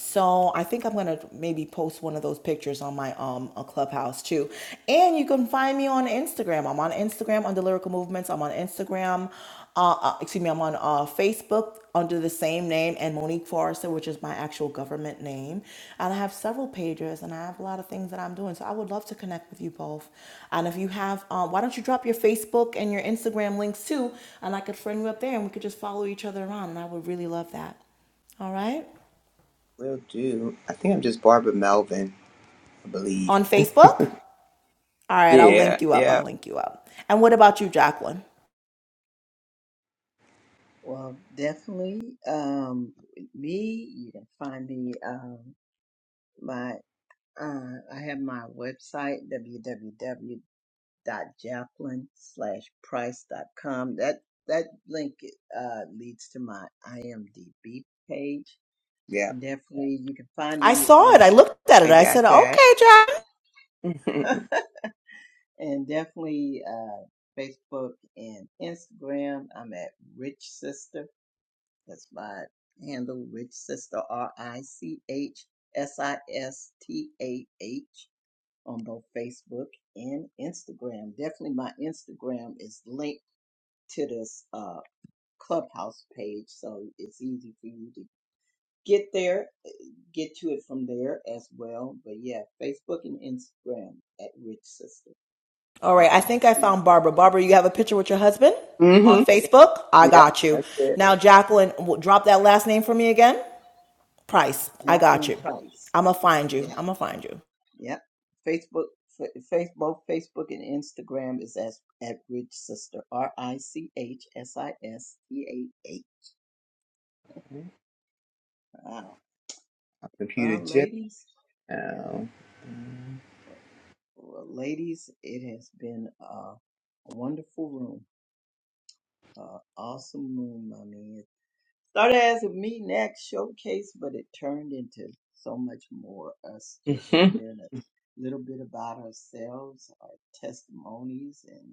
S3: so I think I'm gonna maybe post one of those pictures on my um a clubhouse too. And you can find me on Instagram. I'm on Instagram under Lyrical Movements. I'm on Instagram. Uh, uh, excuse me. I'm on uh, Facebook under the same name and Monique Forrester, which is my actual government name. And I have several pages and I have a lot of things that I'm doing. So I would love to connect with you both. And if you have, um, why don't you drop your Facebook and your Instagram links too? And I could friend you up there and we could just follow each other around. And I would really love that. All right.
S2: will do. I think I'm just Barbara Melvin, I believe.
S3: On Facebook? All right, I'll
S2: Yeah,
S3: link you up. I'll
S2: yeah,
S3: link you up. And what about you, Jacqueline?
S1: Well, definitely, um, with me, you can find me. Um, my uh, I have my website www dot jacqueline slash price dot com. That that link uh, leads to my IMDb page
S2: yeah.
S1: and definitely you can find
S3: I
S1: me
S3: saw it. I
S1: um,
S3: looked at it.
S2: I
S3: I said,
S2: got that.
S3: okay, Jacqueline."
S2: [LAUGHS]
S1: [LAUGHS]
S2: mm-hmm.
S1: and definitely uh, Facebook and Instagram. I'm at Rich Sister. That's my handle, Rich Sister R I C H S I S T A H on both Facebook and Instagram. Definitely, my Instagram is linked to this uh, Clubhouse page, so it's easy for you to get there get to it from there as well. But yeah, Facebook and Instagram at Rich Sister.
S3: All
S1: R
S3: right, I
S1: I C, I
S3: think I found
S1: see
S3: Barbara. Barbara, you have a picture with your husband on
S2: Yeah,
S3: Facebook? I got you.
S2: that's it.
S3: Now, Jacqueline, drop that last name for me again. Price, I got
S1: Catherine
S3: you.
S1: Price.
S3: I'm going to find you.
S1: Yep,
S3: I'm going to find you.
S1: yep. Facebook, F- Facebook, Facebook, and Instagram is as at Rich Sister. R I C H S I S T A H.
S2: My
S1: Wow.
S2: computer
S1: Well,
S2: just
S1: ladies,
S2: now.
S1: well, ladies, it has been a, a wonderful room, uh, awesome room. I mean, Started as a meet and act showcase, but it turned into so much more us just
S2: hmm
S1: sharing a little bit about ourselves, our testimonies, and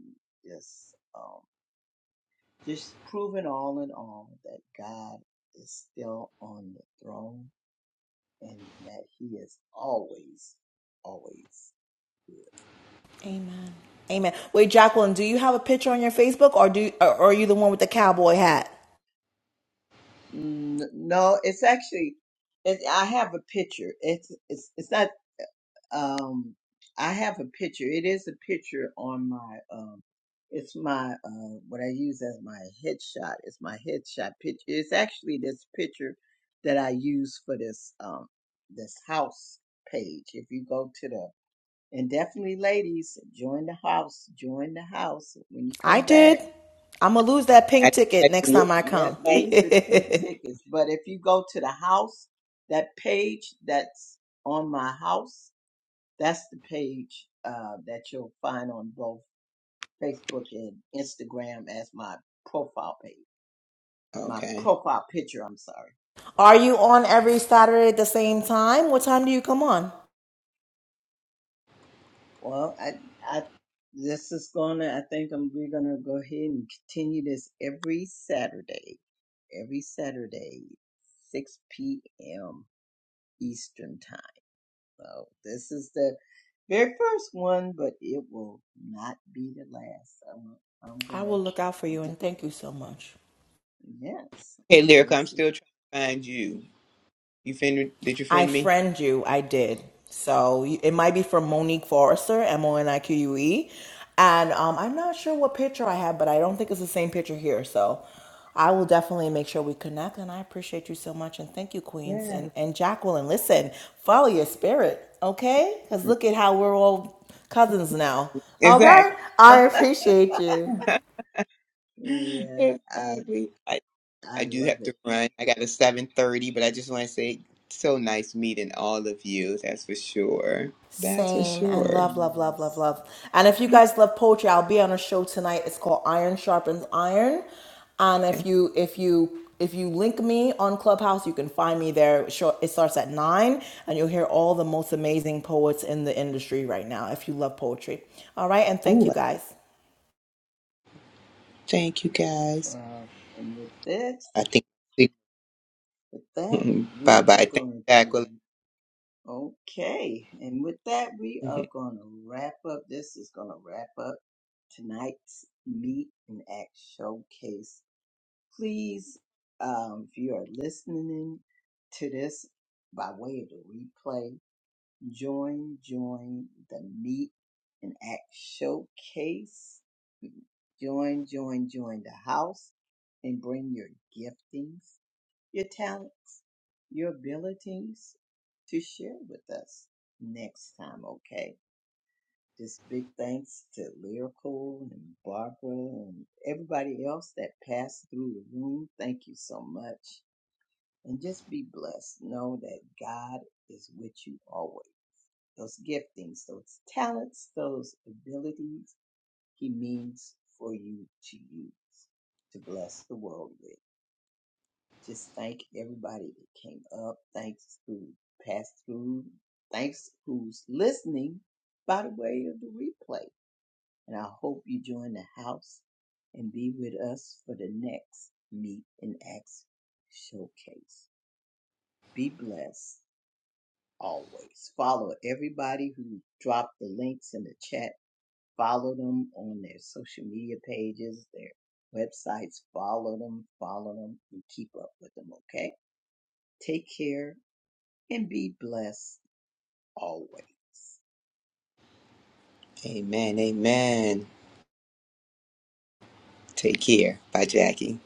S1: just um, just proving all in all that God is still on the throne and that He is always, always good.
S3: Amen. Amen. Wait, Jacqueline, do you have a picture on your Facebook or do or are you the one with the cowboy hat?
S1: Mm, No, it's actually, it, I have a picture. It's it's it's not Um, I have a picture. It is a picture on my, um, it's my, uh, what I use as my headshot. It's my headshot picture. It's actually this picture that I use for this, um, this house page. If you go to the, and definitely ladies, join the house, join the house. When you
S3: I
S1: come back,
S3: did. I'm gonna lose that pink
S2: I,
S3: ticket
S2: I
S3: next
S2: did.
S3: time I
S1: that
S3: come.
S2: Right.
S1: leaves the pink
S3: [LAUGHS]
S1: tickets. But if you go to the house, that page that's on my house, That's the page uh, that you'll find on both Facebook and Instagram as my profile page, my
S2: Okay.
S1: profile picture. I'm sorry.
S3: Are you on every Saturday at the same time? What time do you come on?
S1: Well, I, I, this is gonna. I think I'm, we're gonna go ahead and continue this every Saturday, every Saturday, 6 p.m. Eastern time. So this is the very first one, but it will not be the last. I'm, I'm
S3: I
S1: gonna.
S3: will look out for you and thank you so much.
S1: Yes,
S2: Okay, Lyrica, I'm
S1: yes.
S2: still trying to find you. You friend? Did you
S3: I
S2: friend me?
S3: friend you, I did. So it might be from Monique Forrester, M O N I Q U E. And um, I'm not sure what picture I have, but I don't think it's the same picture here. So I will definitely make sure we connect. And I appreciate you so much. And thank you, Queens. And,
S2: Yes.
S3: and Jacqueline, listen, follow your spirit, okay? Because look at how we're all cousins now,
S2: Exactly.
S3: okay? I appreciate you.
S1: Yeah, I
S2: Exactly. I,
S1: I
S2: I do
S1: love
S2: have
S1: it.
S2: to run. I got a 7:30, but I just want to say so nice meeting all of you. That's for sure. That's for
S3: Same and
S1: Oh
S2: sure.
S3: love, love, love, love,
S1: yes.
S3: love. And if you guys love poetry, I'll be on a show tonight. It's called Iron Sharpens Iron. And
S2: Yeah.
S3: if you if you if you link me on Clubhouse, you can find me there. Sure, It starts at nine, and you'll hear all the most amazing poets in the industry right now. If you love poetry, all right. And thank you
S2: Ooh,
S3: guys.
S2: thank you guys.
S1: Wow. And with this,
S2: I think
S1: with that,
S2: [LAUGHS] bye
S1: we are
S2: bye. Thank you,
S1: going to
S2: Jacqueline.
S1: okay. And with that, we are going to wrap up. This is going to wrap up tonight's Meet and Act Showcase. Please, um, if you are listening to this by way of the replay, Join, join the Meet and Act Showcase. Join, join, join the house and bring your giftings, your talents, your abilities to share with us next time, okay? Just big thanks to Lyrical and Barbara and everybody else that passed through the room. Thank you so much. And just be blessed. Know that God is with you always those giftings, those talents, those abilities he means for you to use to bless the world with. Just thank everybody that came up. Thanks who passed through. Thanks who's listening by the way of the replay. And I hope you join the house and be with us for the next Meet and Acts showcase. Be blessed always. Follow everybody who dropped the links in the chat Follow them on their social media pages, their websites. Follow them, follow them, and keep up with them, okay? Take care and be blessed always.
S2: [LAUGHS] amen. Amen. Take care. Bye, Jackie.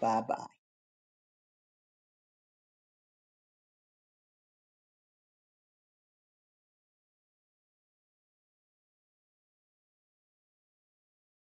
S1: Bye bye.